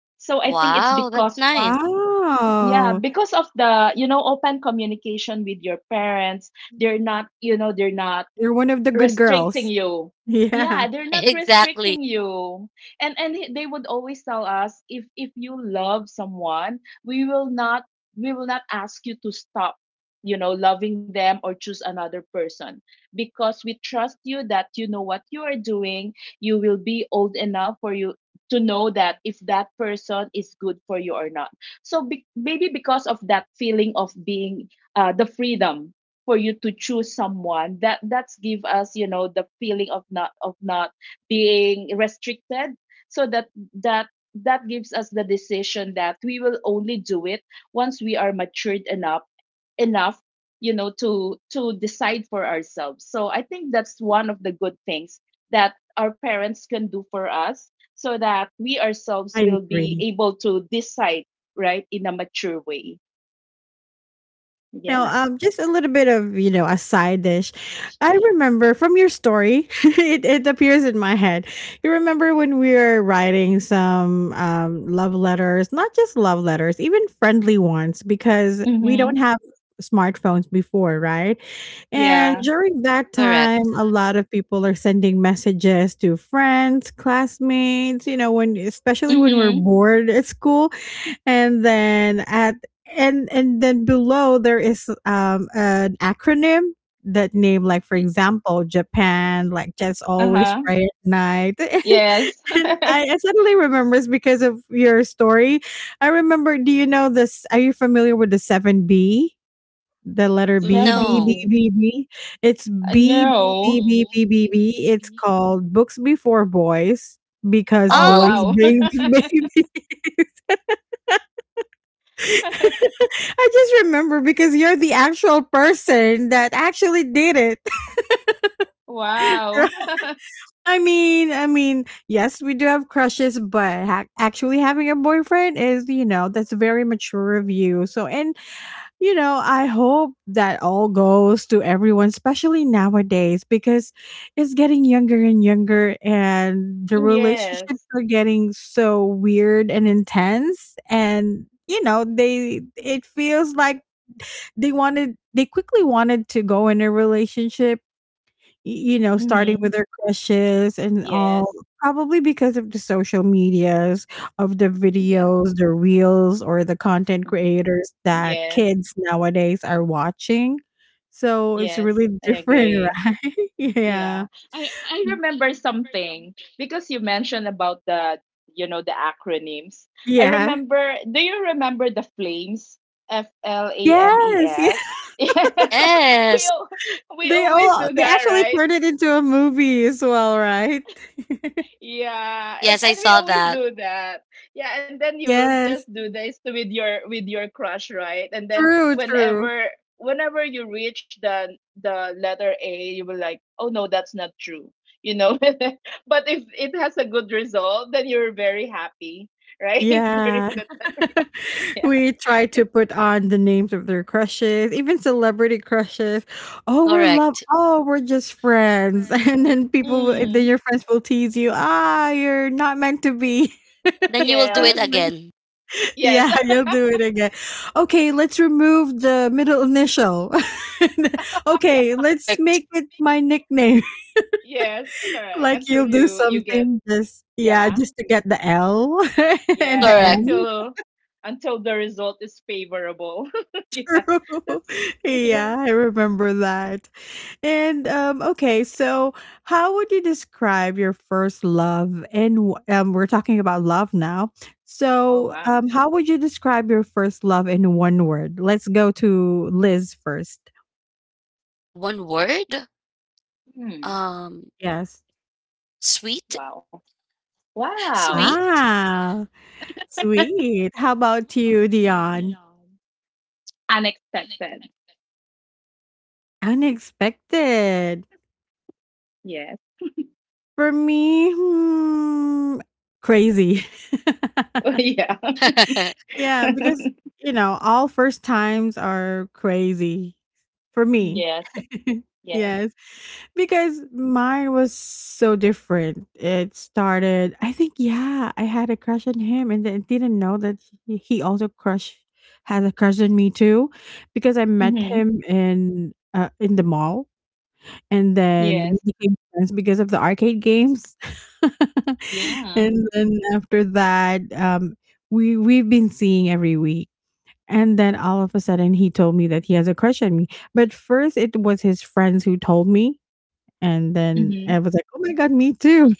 B: So I think it's
C: Wow, that's
B: because,
C: nice.
B: yeah,
A: Wow.
B: because of the, you know, open communication with your parents. They're not, you know, they're not
A: You're one of the good
B: restricting
A: girls.
B: you.
A: (laughs) Yeah,
B: Yeah, they're not
C: Exactly,
B: restricting you. And they would always tell us, if you love someone we will not, we will not ask you to stop, you know, loving them or choose another person. Because we trust you that you know what you are doing. You will be old enough for you to know that if that person is good for you or not. So maybe because of that feeling of being the freedom for you to choose someone, that that's give us, you know, the feeling of not being restricted. So that that gives us the decision that we will only do it once we are matured enough enough you know, to decide for ourselves. So I think that's one of the good things that our parents can do for us, so that we ourselves
A: I
B: will be
A: agree.
B: able to decide right in a mature way.
A: Now,
B: Yeah.
A: just a little bit of a side dish. I remember from your story, (laughs) it appears in my head. You remember when we were writing some love letters, not just love letters, even friendly ones, because we don't
B: Mm-hmm.
A: have smartphones before, right? And
B: Yeah.
A: during that time,
C: correct.
A: a lot of people are sending messages to friends, classmates, you know, when especially when we're
B: Mm-hmm.
A: bored at school, and then at — and then below there is an acronym that name, like, for example, Japan, like, just always
B: Uh-huh.
A: pray at night. (laughs)
B: Yes.
A: And
B: (laughs)
A: I suddenly remembers because of your story. I remember, do you know this? Are you familiar with the 7B? The letter b, b, b,
C: No.
B: 70.
A: b, b. It's b, b, b,
B: No.
A: b, b, b, b. It's called books before boys, because
B: Oh,
C: Oh,
A: boys
B: wow.
A: bring (laughs)
B: (laughs)
A: babies. I just remember because you're the actual person that actually did it.
B: Wow.
A: (laughs)
B: (laughs)
A: I mean, yes, we do have crushes, but actually having a boyfriend is, that's very mature of you. So, and I hope that all goes to everyone, especially nowadays, because it's getting younger and younger, and the relationships
B: Yes.
A: are getting so weird and intense, and they, it feels like they wanted — they quickly wanted to go in a relationship, starting
B: Mm-hmm.
A: with their crushes and all,
B: Yes.
A: probably because of the social medias, of the
B: Yeah.
A: videos, the reels, or the content
B: Mhm.
A: creators that
B: Yes.
A: kids nowadays are watching. So, it's really
B: Yes, I
A: different,
B: agree.
A: (laughs) right? Yeah.
B: Yeah. I remember something because you mentioned about the, you know, the acronyms. I
A: Yeah.
B: remember, do you remember the flames? F L A M E
A: Yes, yeah.
B: S.
A: (laughs)
B: (laughs) Yeah. (laughs) We
C: yes.
B: al- we
A: They
B: always
A: all
B: do
A: they
B: that,
A: actually
B: right?
A: turned it into a movie as well, right? (laughs)
B: Yeah,
C: Yes, I
B: and we
C: saw
B: always
C: that.
B: do that. Yeah, and then you will just
A: Yes.
B: do this with your crush, right? And then
A: True, true.
B: whenever whenever you reach the letter A, you will like, oh no, that's not true, you know. (laughs) But if it has a good result, then you're very happy, right? (laughs)
A: Yeah.
B: During that time,
A: (laughs)
B: (laughs) yeah.
A: We try to put on the names of their crushes, even celebrity crushes. "Oh, we're love,
C: Correct.
A: oh, we're just friends." (laughs) And then people will then
B: Mm,
A: your friends will tease you, "Ah, you're not meant to be."
C: Then you
A: (laughs)
C: will do it
B: yes,
A: Something like
C: again.
A: that.
B: yes,
A: Yeah, you'll
B: (laughs)
A: do it again. "Okay, let's remove the middle initial." (laughs)
B: yeah,
A: "Okay, let's
C: Correct.
A: make it my nickname." (laughs)
B: yes, correct.
A: Like,
B: Until
A: you'll do
B: you get
A: something, just yeah,
B: yeah.
A: just to get the L (laughs) and
B: Yes,
A: the
C: Correct.
A: M.
B: until the result is favorable. (laughs) Yeah,
A: (laughs)
B: that's (laughs) yeah.
A: Yeah, I remember that. And okay, so how would you describe your first love? And we're talking about love now.
B: Oh
A: So,
B: wow.
A: how would you describe your first love in one word? Let's go to Liz first.
C: (laughs) One word?
B: Hmm.
C: Um,
A: Yes.
C: Sweet?
B: Wow. Wow.
C: (laughs) Sweet?
A: Wow, sweet. How about you, Dion?
B: Unexpected.
A: Unexpected.
B: Yes.
A: For me, crazy. (laughs)
B: (laughs) Yeah.
C: (laughs)
A: Yeah, because,
B: (laughs)
A: all first times are crazy for me.
B: Yes.
A: (laughs)
B: Yes.
A: Yes, because mine was so different. It started, I think, yeah, I had a crush on him and then didn't know that he also crush had a crush on me too, because I met
B: Mm-hmm.
A: him in, in the mall. And then we
B: Yes.
A: became friends because of the arcade games. (laughs)
B: Yeah.
A: And then after that, we've been seeing every week. And then all of a sudden he told me that he has a crush on me. But first it was his friends who told me, and then
B: Mm-hmm.
A: I was like, "Oh my God, me too."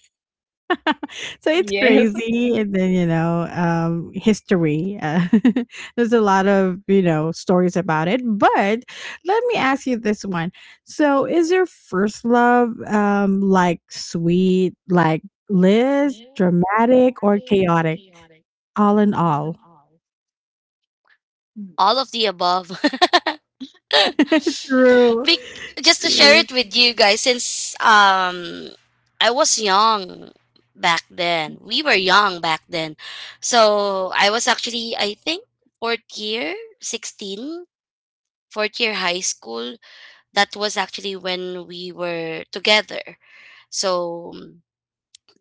A: So it's
B: Yes.
A: crazy, and then, history, (laughs) there's a lot of, you know, stories about it, but let me ask you this one. So, is your first love, like, sweet, like Liz, dramatic, or chaotic? All in all.
B: Mm.
C: All of the above. (laughs)
A: True,
C: Be- just to share
A: true.
C: it with you guys, since I was young back then. We were young back then. So I was actually, I think, fourth year, 16, fourth year high school. That was actually when we were together. So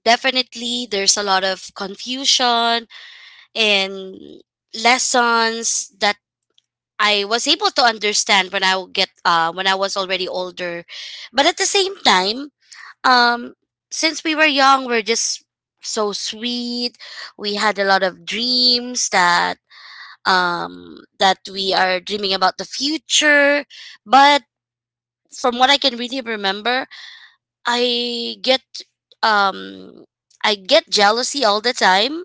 C: definitely there's a lot of confusion and lessons that I was able to understand when I would get, when I was already older. But at the same time, um since we were young, we're just so sweet. We had a lot of dreams that we are dreaming about the future. But from what I can really remember, I get um I get jealousy all the time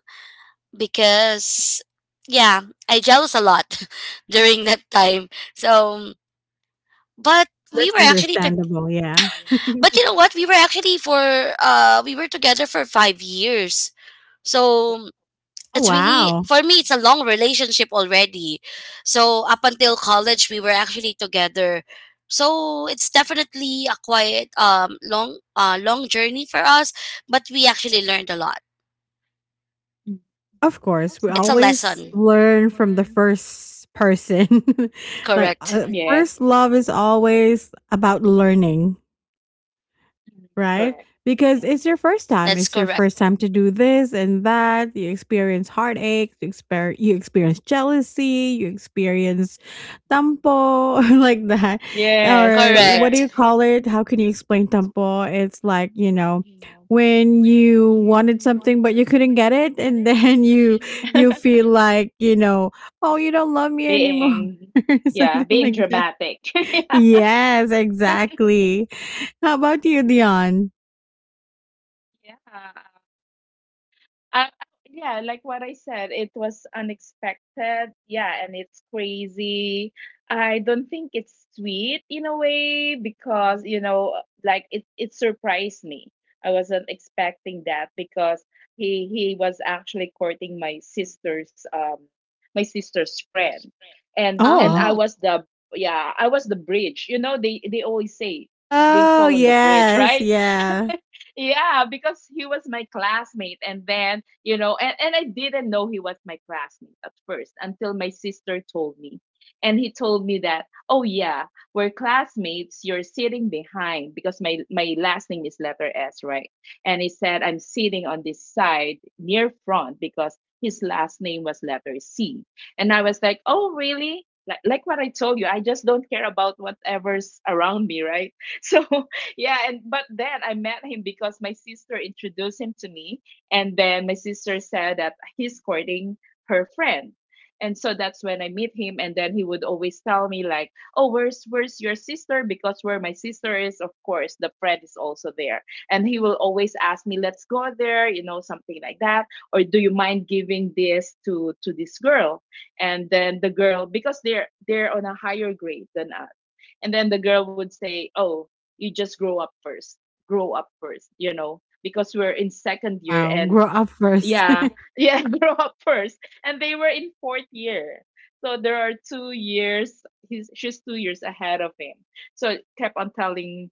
C: because yeah, I jealous a lot (laughs) during that time. So But we
A: That's
C: were actually to
A: understandable, yeah.
C: but you know what? We were together for 5 years. So
A: Oh,
C: it's really,
A: wow.
C: for me, it's a long relationship already.
B: Yes.
C: So up until college we were actually together. So it's definitely a quiet long long journey for us, but we actually learned a lot.
B: Mm.
A: Of course,
B: It's
A: we
C: It's a
B: nice.
A: always
C: lesson.
A: learn from the first person. (laughs) Like,
C: Correct.
A: okay,
B: Yes.
A: first love is always about learning,
B: Mhm.
A: right?
B: Correct. Yeah.
A: Because it's your first time.
C: That's
A: It's your
C: correct.
A: first time to do this and that. You experience heartache, you experience jealousy, you experience tampo, (laughs) like that.
B: Yes.
A: Or what do
B: Correct.
C: Correct.
A: you call it? How can you explain tampo? It's like, you know, when you wanted something but you couldn't get it, and (laughs) then you
B: (laughs)
A: feel like, oh, you don't love me anymore.
B: Being,
A: (laughs)
B: yeah,
A: Something
B: being
A: like that.
B: dramatic. (laughs)
A: Yes, exactly. How about you, Dion?
B: Yeah. Uh, yeah, like what I said, it was unexpected. Yeah, and it's crazy. I don't think it's sweet in a way because, you know, like it surprised me. I wasn't expecting that because he was actually courting my sister's friend. And
A: Oh.
B: I
C: Oh.
B: was the, yeah, I was the bridge. You know, they always say they
A: Oh,
B: fall on the bridge,
A: yes,
B: right?
A: yeah.
B: Yeah, because he was my classmate. And then, you know, and I didn't know he was my classmate at first until my sister told me. And he told me that, oh, yeah, we're classmates. You're sitting behind because my last name is letter S, right? And he said, I'm sitting on this side near front because his last name was letter C. And I was like, oh, really? Like what I told you, I just don't care about whatever's around me, right? (laughs) So yeah, and but then I met him because my sister introduced him to me. And then my sister said that he's courting her friend. And so that's when I meet him, and then he would always tell me like, oh, where's your sister? Because where my sister is, of course the friend is also there. And he will always ask me, let's go there, you know, something like that. Or do you mind giving this to this girl? And then the girl, because they're on a higher grade than us, and then the girl would say, oh, you just grow up first. Grow up first, you know, because we're in second year.
A: Wow,
B: And
A: grow up first.
B: yeah,
A: (laughs)
B: yeah, (laughs) grow up first. And they were in fourth year, so there are 2 years. He's she's 2 years ahead of him. So I kept on telling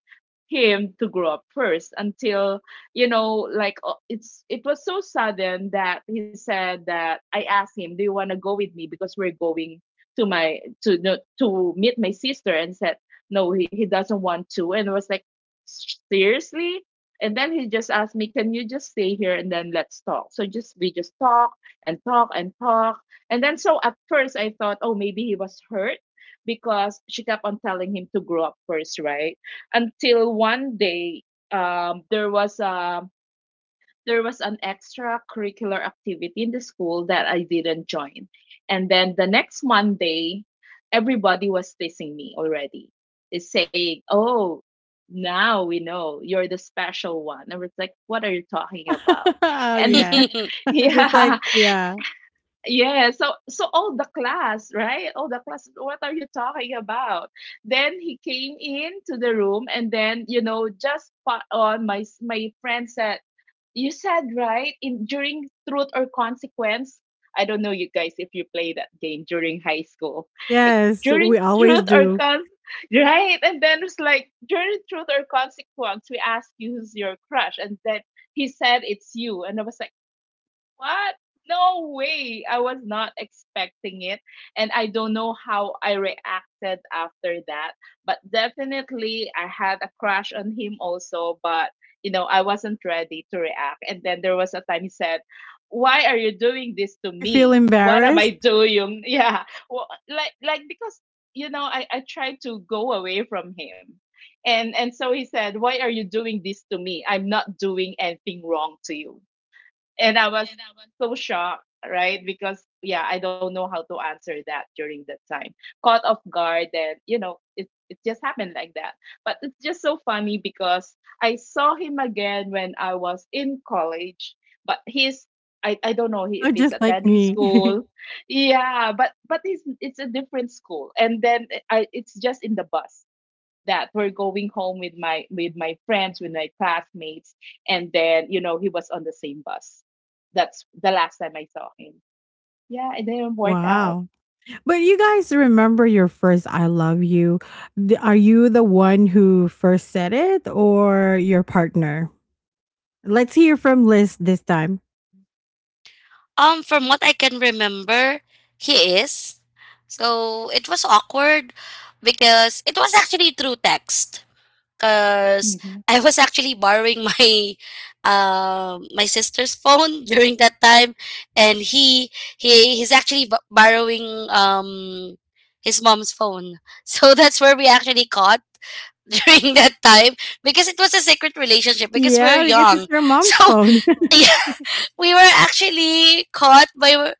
B: him to grow up first until, you know, like, it's, it was so sudden that he said that, I asked him, do you want to go with me, because we're going to my, to, no, to meet my sister, and said no, he doesn't want to. And I was like, seriously? And then he just asked me, can you just stay here and then let's talk? So just, we just talk and talk and talk. And then so at first I thought, oh, maybe he was hurt because she kept on telling him to grow up first, right? Until one day, there was a, there was an extracurricular activity in the school that I didn't join. And then the next Monday, everybody was teasing me already, is saying, oh, now we know you're the special one. I was like, what are you talking about?
A: Oh,
B: And
A: yeah.
C: (laughs)
B: (laughs)
A: (laughs) Just
B: yeah,
A: like yeah.
B: yeah. So, so all the class, right? All the class, what are you talking about? Then he came into the room, and then, you know, just spot on, my friend said, you said right in during truth or consequence. I don't know, you guys, if you play that game during high school. Like,
A: Yes,
B: during
A: we always
B: truth or
A: do.
B: con, right? And then it's like, during truth or consequence, we ask you, who's your crush? And then he said, it's you. And I was like, what? No way. I was not expecting it. And I don't know how I reacted after that. But definitely, I had a crush on him also. But, you know, I wasn't ready to react. And then there was a time he said, why are you doing this to
A: You feel
B: me? What am I
A: embarrassed?
B: doing? (laughs) Yeah. Well, like, because, you know, I tried to go away from him. And so he said, "Why are you doing this to me? I'm not doing anything wrong to you." And I was so shocked, right? Because yeah, I don't know how to answer that during that time. Caught off guard, and you know, it just happened like that. But it's just so funny because I saw him again when I was in college, but he's, I don't know
A: Oh,
B: if he's
A: just like
B: attending
A: me. (laughs)
B: school. Yeah, but it's a different school, and then it's just in the bus that we're going home with my, with my friends, with my classmates. And then you know he was on the same bus. That's the last time I saw him. Yeah, it didn't work out.
A: Wow. But you guys remember your first "I love you." D Are you the one who first said it or your partner? Let's hear from Liz this time.
C: From what I can remember, he is. So it was awkward because it was actually through text. Because
B: Mhm.
C: I was actually borrowing (laughs) my sister's phone (laughs) during that time, and he's actually borrowing his mom's phone. (laughs) So that's where we actually caught (laughs) during that time because it was a secret relationship because we're
A: Yeah, because it's
C: young.
A: your mom's
C: So
A: phone.
C: (laughs) we were actually caught by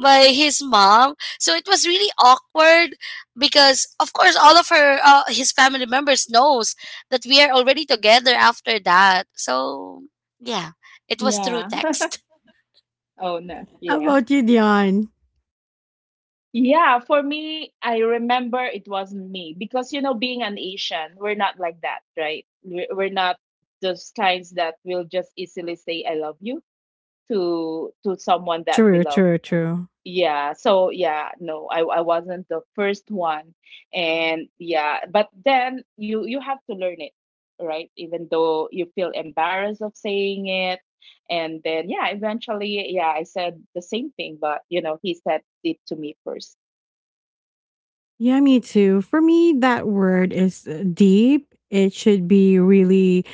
C: his mom, so it was really awkward because of course all of her his family members knows that we are already together after that, so yeah, it was through
B: Yeah, (laughs)
C: text.
B: oh no,
A: (laughs) How
B: yeah.
A: about you, Dion?
B: Yeah, for me, I remember it wasn't me, because you know, being an Asian, we're not like that, right? We're not those kinds that will just easily say I love you to someone that we
A: True,
B: love.
A: true, true.
B: Yeah, so yeah, no, I wasn't the first one. And yeah, but then you have to learn it, right? Even though you feel embarrassed of saying it. And then yeah, eventually, yeah, I said the same thing, but you know, he said it to me first.
A: Yeah, me too. For me, that word is, deep. It should be really,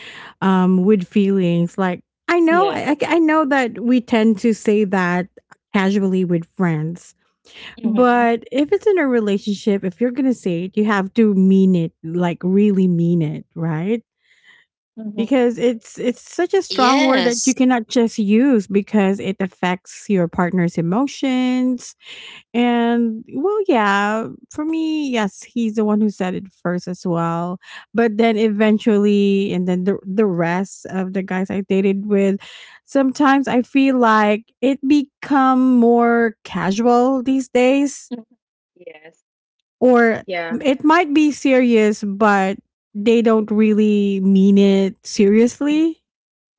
A: with feelings. Like I know, I,
B: Yes.
A: I I know that we tend to say that casually with friends,
B: Mm-hmm.
A: but if it's in a relationship, if you're gonna say it, you have to mean it, like really mean it, right?
B: Mm-hmm.
A: Because it's such a strong word that
C: Yes.
A: you cannot just use because it affects your partner's emotions, and well, yeah, for me, yes, he's the one who said it first as well. But then eventually, and then the rest of the guys I dated with, sometimes I feel like it become more casual these days,
B: Mhm. Yes.
A: or
B: Yeah.
A: it might be serious, but they don't really mean it
B: Mhm.
A: seriously,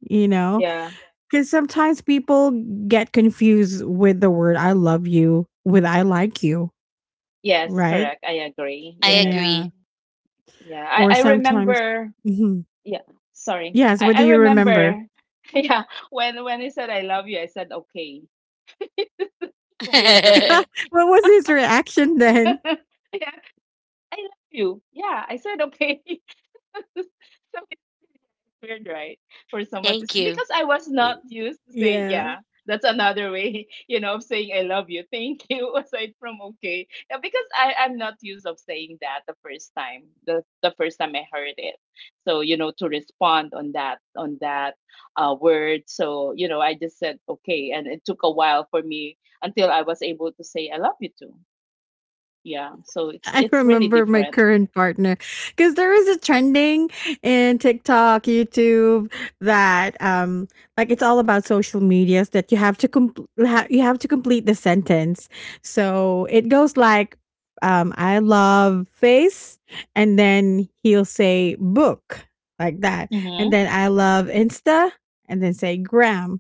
A: you know?
B: Yeah.
A: Because sometimes people get confused with the word "I love you" with "I like you,"
B: Yes,
A: right?
B: correct. I agree.
C: I
B: Yes.
A: Yeah,
C: agree.
B: Yeah.
A: or
B: I
A: sometimes
B: remember,
A: mhm.
B: yeah, sorry,
A: Yes,
B: i
A: what
B: i
A: do you remember?
B: remember. (laughs) Yeah, when he said I love you, I said okay. Weird, right?
C: (laughs)
A: (laughs) What was his reaction then?
B: (laughs) Yeah, I love you, yeah, I said okay. (laughs) So weird, right? For someone to
C: Thank
B: say,
C: you.
B: because I was
A: Y
B: not used to say,
A: yeah.
B: yeah, that's another way, (laughs) you know, of saying I love you, thank you, (laughs) aside from okay. Yeah, because I'm not used of saying that the first time, the first time I heard it. So, you know, to respond on that word. So, you know, I just said, okay. And it took a while for me until I was able to say, I love you too. Yeah. So it's,
A: I
B: it's really
A: remember my
B: different.
A: current partner because there was a trending in TikTok, YouTube that like it's all about social medias that you have to complete you have to complete the sentence. So it goes like I love face, and then he'll say book, like that. And
B: Mm-hmm.
A: then I love Insta, and then say gram.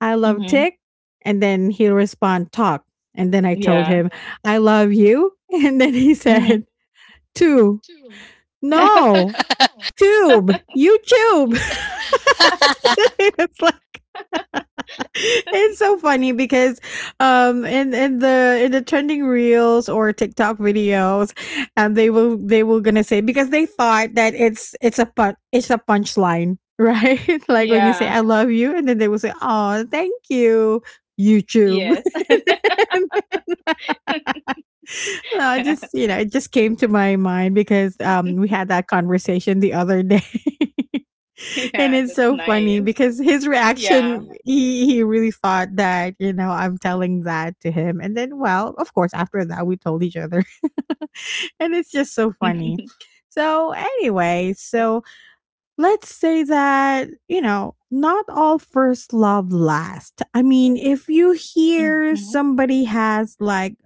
A: I love
B: Mm-hmm.
A: Tick. And then he'll respond, talk. And then I told
B: Yeah.
A: him, I love you. (laughs) And then he said,
B: Mm-hmm.
A: tube. No,
B: (laughs)
C: (laughs)
A: tube. YouTube. (laughs) It's like (laughs) it's so funny because in the trending reels or TikTok videos, and they will gonna say because they thought that it's a pun, it's a punchline, right? (laughs) Like when you say
B: yeah.
A: I love you, and then they will say, oh, thank you, YouTube.
B: Yes.
A: (laughs) (laughs) I just,
B: (laughs)
A: you know, it just came to my mind because we had that conversation the other day. (laughs)
B: Yeah,
A: And
B: that's
A: it's so
B: nice.
A: funny because his
B: Yeah.
A: reaction, he really thought that, you know, I'm telling that to him. And then, well, of course, after that, we told each other. (laughs) And it's just
B: (laughs)
A: so funny. So,
B: Yes.
A: anyway, so let's say that, you know, not all first love last. I mean, if you
B: Mhm.
A: hear somebody has like,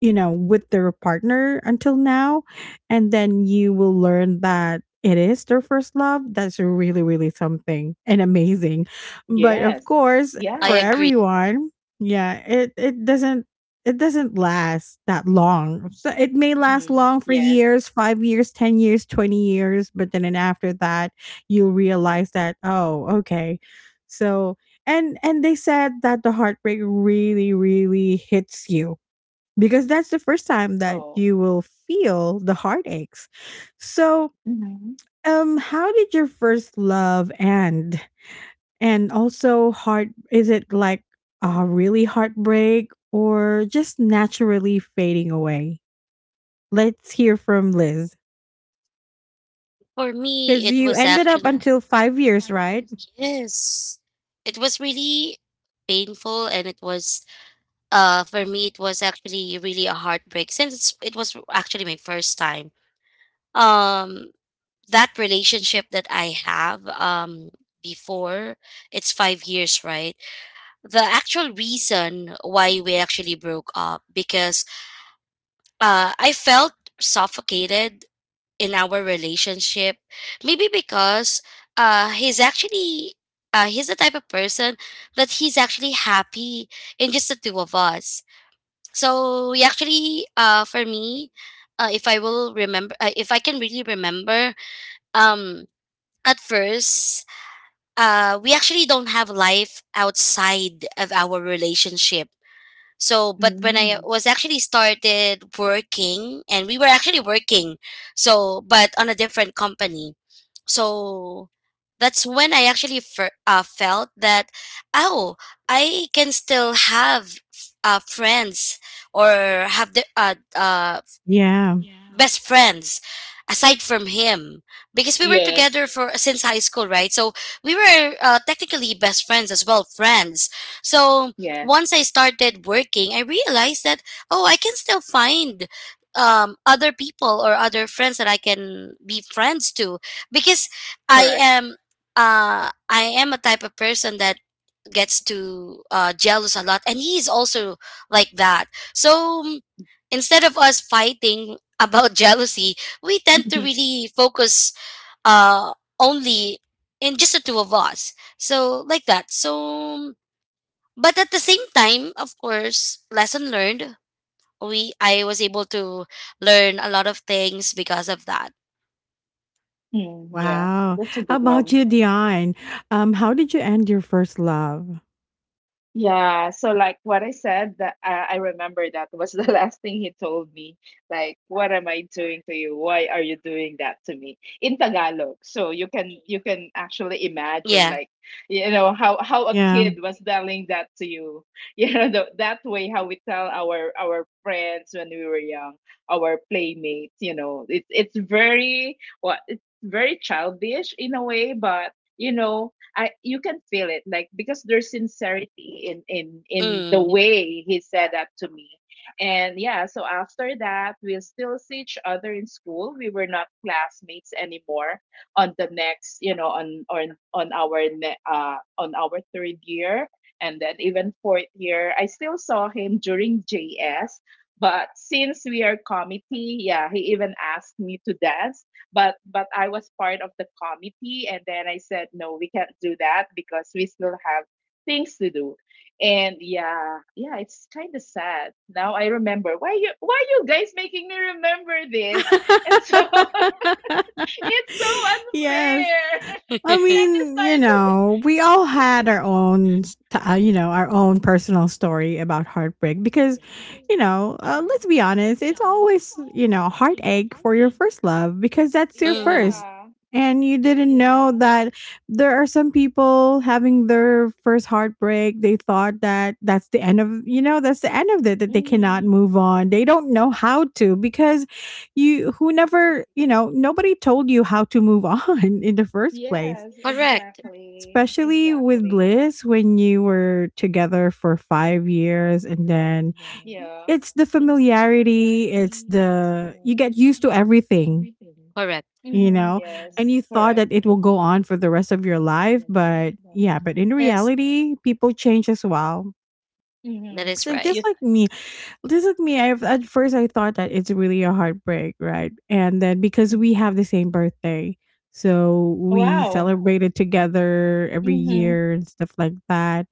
A: you know, with their partner until now. And then you will learn that it is their first love. That's really, really something and amazing.
B: Yes.
A: But of
B: Yeah.
A: course,
C: I
A: for
C: agree.
A: everyone, yeah, it doesn't it doesn't last that long. So it may
B: Mhm.
A: last long
B: Yes.
A: for years, 5 years, 10 years, 20 years, but then and after that you'll realize that, oh, okay. So and they said that the heartbreak really, really hits you because that's the first time
B: Oh.
A: that you will feel the heartaches. So,
B: Mhm.
A: how did your first love end? And also, heart is it like a really heartbreak or just naturally fading away? Let's hear from Liz
C: For me
A: because
C: it
A: you
C: was
A: ended up
C: actually
A: until 5 years, right?
C: yes, it was really painful, and it was, for me, it was actually really a heartbreak since it was actually my first time, um that relationship that I have, before it's 5 years, right? The actual reason why we actually broke up, because I felt suffocated in our relationship, maybe because uh he's actually he's the type of person that he's actually happy in just the two of us. So yeah, actually, for me, if I will remember, if I can really remember, um, at first, we actually don't have life outside of our relationship. So but when
B: Mm.
C: I was actually started working, and we were actually working, so but on a different company, so that's when I actually felt that, oh, I can still have friends or have the
A: Yeah.
C: best friends aside from him, because we were
B: Yes.
C: together for since high school, right? So we were, technically best friends as well, friends. So
B: Yes.
C: once I started working I realized that, oh, I can still find other people or other friends that I can be friends to. Because I
B: Correct.
C: am, I am a type of person that gets to, jealous a lot, and he's also like that. So instead of us fighting about jealousy, we tend to
B: (laughs)
C: really focus uh only in just the two of us. So, like that. So but at the same time, of course, lesson learned. We I was able to learn a lot of things because of that.
B: Mm, yeah.
A: Wow.
B: That's a
A: How
B: good
A: about
B: one.
A: you, Dion? How did you end your first love?
B: Yeah, so like what I said, that I remember that was the (laughs) last thing he told me. Like, what am I doing to you? Why are you doing that to me? In Tagalog. So you can, you can actually imagine
C: Yeah.
B: like, you know, how a
A: Yeah.
B: kid was telling that to you. (laughs) You know, that way how we tell our friends when we were young, our playmates, you know. It's very what, it's very childish in a way, but you know, I, you can feel it like, because there's sincerity in the
C: Mm.
B: way he said that to me. And yeah, so after that, we'll still see each other in school. We were not classmates anymore on the next, you know, on on our third year, and then even fourth year. I still saw him during JS, but since we are committee, yeah, he even asked me to dance, but I was part of the committee, and then I said no, we can't do that because we still have things to do. And yeah, yeah, it's kind of sad. Now I remember why you guys making me remember this, and so
A: (laughs)
B: (laughs) it's so
A: Yes.
B: unfair. (laughs)
A: I
B: And it
A: mean, you
B: started.
A: know, we all had our own, you know, our own personal story about heartbreak because, you know, let's be honest, it's always, you know, heartache for your first love because
B: (laughs)
A: that's your
C: Mm.
A: first.
B: Yeah,
A: And you didn't know
B: yeah,
A: that there are some people having their first heartbreak. They thought that that's the end of, you know, that's the end of it, that they cannot
B: mm-hmm.
A: move on. They don't know how to because you, who never, you know, nobody told you how to move on (laughs) in the first place,
B: Yes,
C: Correct.
B: exactly,
A: especially with
B: exactly.
A: Bliss when you were together for 5 years, and then
B: Yeah,
A: it's the familiarity, it's the you get used to everything,
C: Correct.
A: you
B: mm-hmm.
A: know,
B: Yes,
A: and you thought
B: correct.
A: that it will go on for the rest of your life, but yeah, but in
C: Yes,
A: reality, people change as well.
B: Mm-hmm.
C: that is
A: So just
B: You.
C: right.
A: like me. This is me. I at first I thought that it's really a heartbreak, right? And then because we have the same birthday, so we
B: Wow.
A: celebrated together every
B: Mhm.
A: year and stuff like that.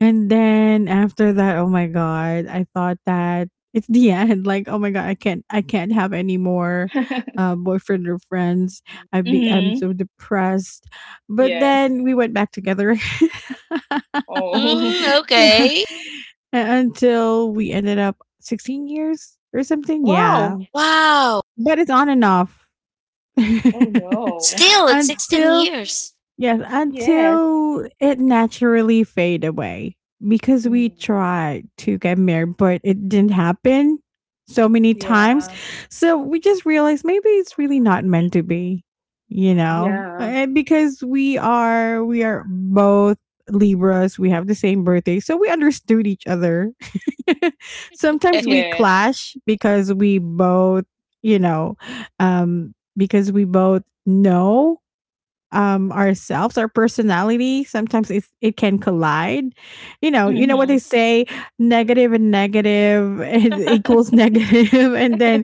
A: And then after that, oh my god, I thought that it's the (laughs) end. Like, oh my god, I can't have any more
B: (laughs)
A: boyfriend or friends. I'm
B: Mhm.
A: so depressed. But
B: Yes.
A: then we went back together. (laughs)
B: Oh.
C: Mm,
B: (laughs)
A: (laughs) Yeah.
C: okay.
A: A- until we ended up 16 years or something. Yeah.
B: Wow.
C: Wow.
A: But it's on and off.
B: Oh no.
C: Still,
A: (laughs)
C: it's 16
A: Until
C: years.
A: yes,
B: Yes.
A: until it naturally fade away because we
B: Mm.
A: tried to get married, but it didn't happen so many times.
B: Yeah.
A: So we just realized maybe it's really not meant to be, you know,
B: Yeah.
A: and because we are both Libras, we have the same birthday, so we understood each other. (laughs) Sometimes we
B: Yes.
A: clash because we both, you know, because we both know ourselves, our personality, sometimes it's, it can collide. You know, you know what they
B: Mhm.
A: say, negative and negative (laughs) is equals
B: (laughs)
A: negative, and then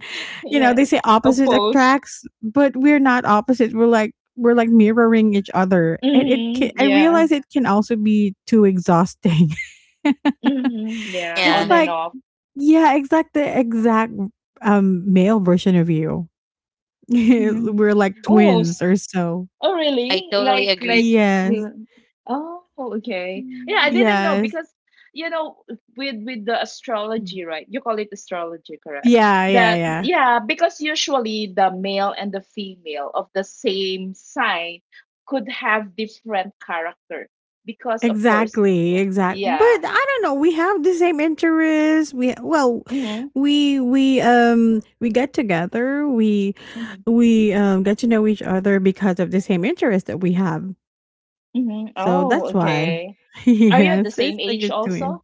A: you know
B: Yeah.
A: they say opposite
B: Oppose.
A: attracts, but we're not opposite. We're like mirroring each other, and it
B: Mhm.
A: can, I
B: Yeah.
A: realize it can also be too exhausting. (laughs)
B: Mhm. Yeah.
A: It's
B: On
C: Yeah,
B: and
A: like,
B: off.
A: yeah, exact the exact male version of you. (laughs)
B: Mhm.
A: We're like
B: Oh,
A: twins or so.
B: oh,
C: I
B: really? Like,
C: totally agree.
B: like,
A: Yes.
B: mm, oh, okay. Yeah, I didn't know
A: Yes.
B: because you know, with the
A: Mm.
B: astrology, right? You call it astrology, correct?
A: Yeah, yeah,
B: That
A: yeah.
B: yeah, because usually the male and the female of the same sign could have different character, because of course,
A: Exactly, exact. But
B: yeah.
A: I don't know. We have the same interests. We well,
B: Mm-hmm,
A: we get together. We
B: mm-hmm,
A: get to know each other because of the same interest that we have.
B: mm-hmm.
A: So
B: Oh,
A: that's why.
B: okay.
A: (laughs)
B: Are you at the
A: Yes, it's
B: same
A: like a
B: age
A: good twin.
B: also?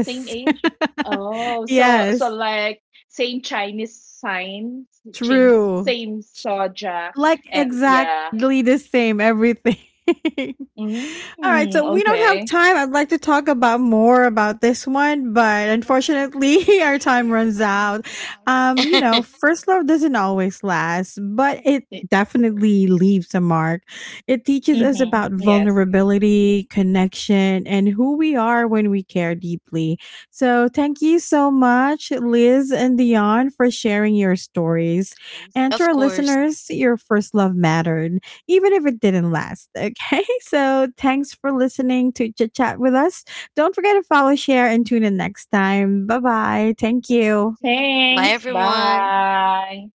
B: Same age? Oh,
A: (laughs)
B: so so
A: yes,
B: like same Chinese sign, same
A: true.
B: same zodiac,
A: Like
B: and yeah.
A: exactly the same everything. (laughs) All right,
B: Mm,
A: so we don't have
B: okay.
A: time. I'd like to talk about more about this one, but unfortunately, (laughs) our time runs out. You know,
C: (laughs)
A: first love doesn't always last, but it definitely leaves a mark. It teaches us
B: Mm-hmm.
A: about
B: Yes.
A: vulnerability, connection, and who we are when we care deeply. So, thank you so much, Liz and Dion, for sharing your stories. And to
C: Of
A: our
C: course.
A: listeners, your first love mattered. (laughs) Even if it didn't last. Okay. (laughs) So thanks for listening to Chit Chat with us. Don't forget to follow, share, and tune in next time. Bye bye. Thank you.
C: Bye,
B: Thanks.
C: everyone.
B: Bye.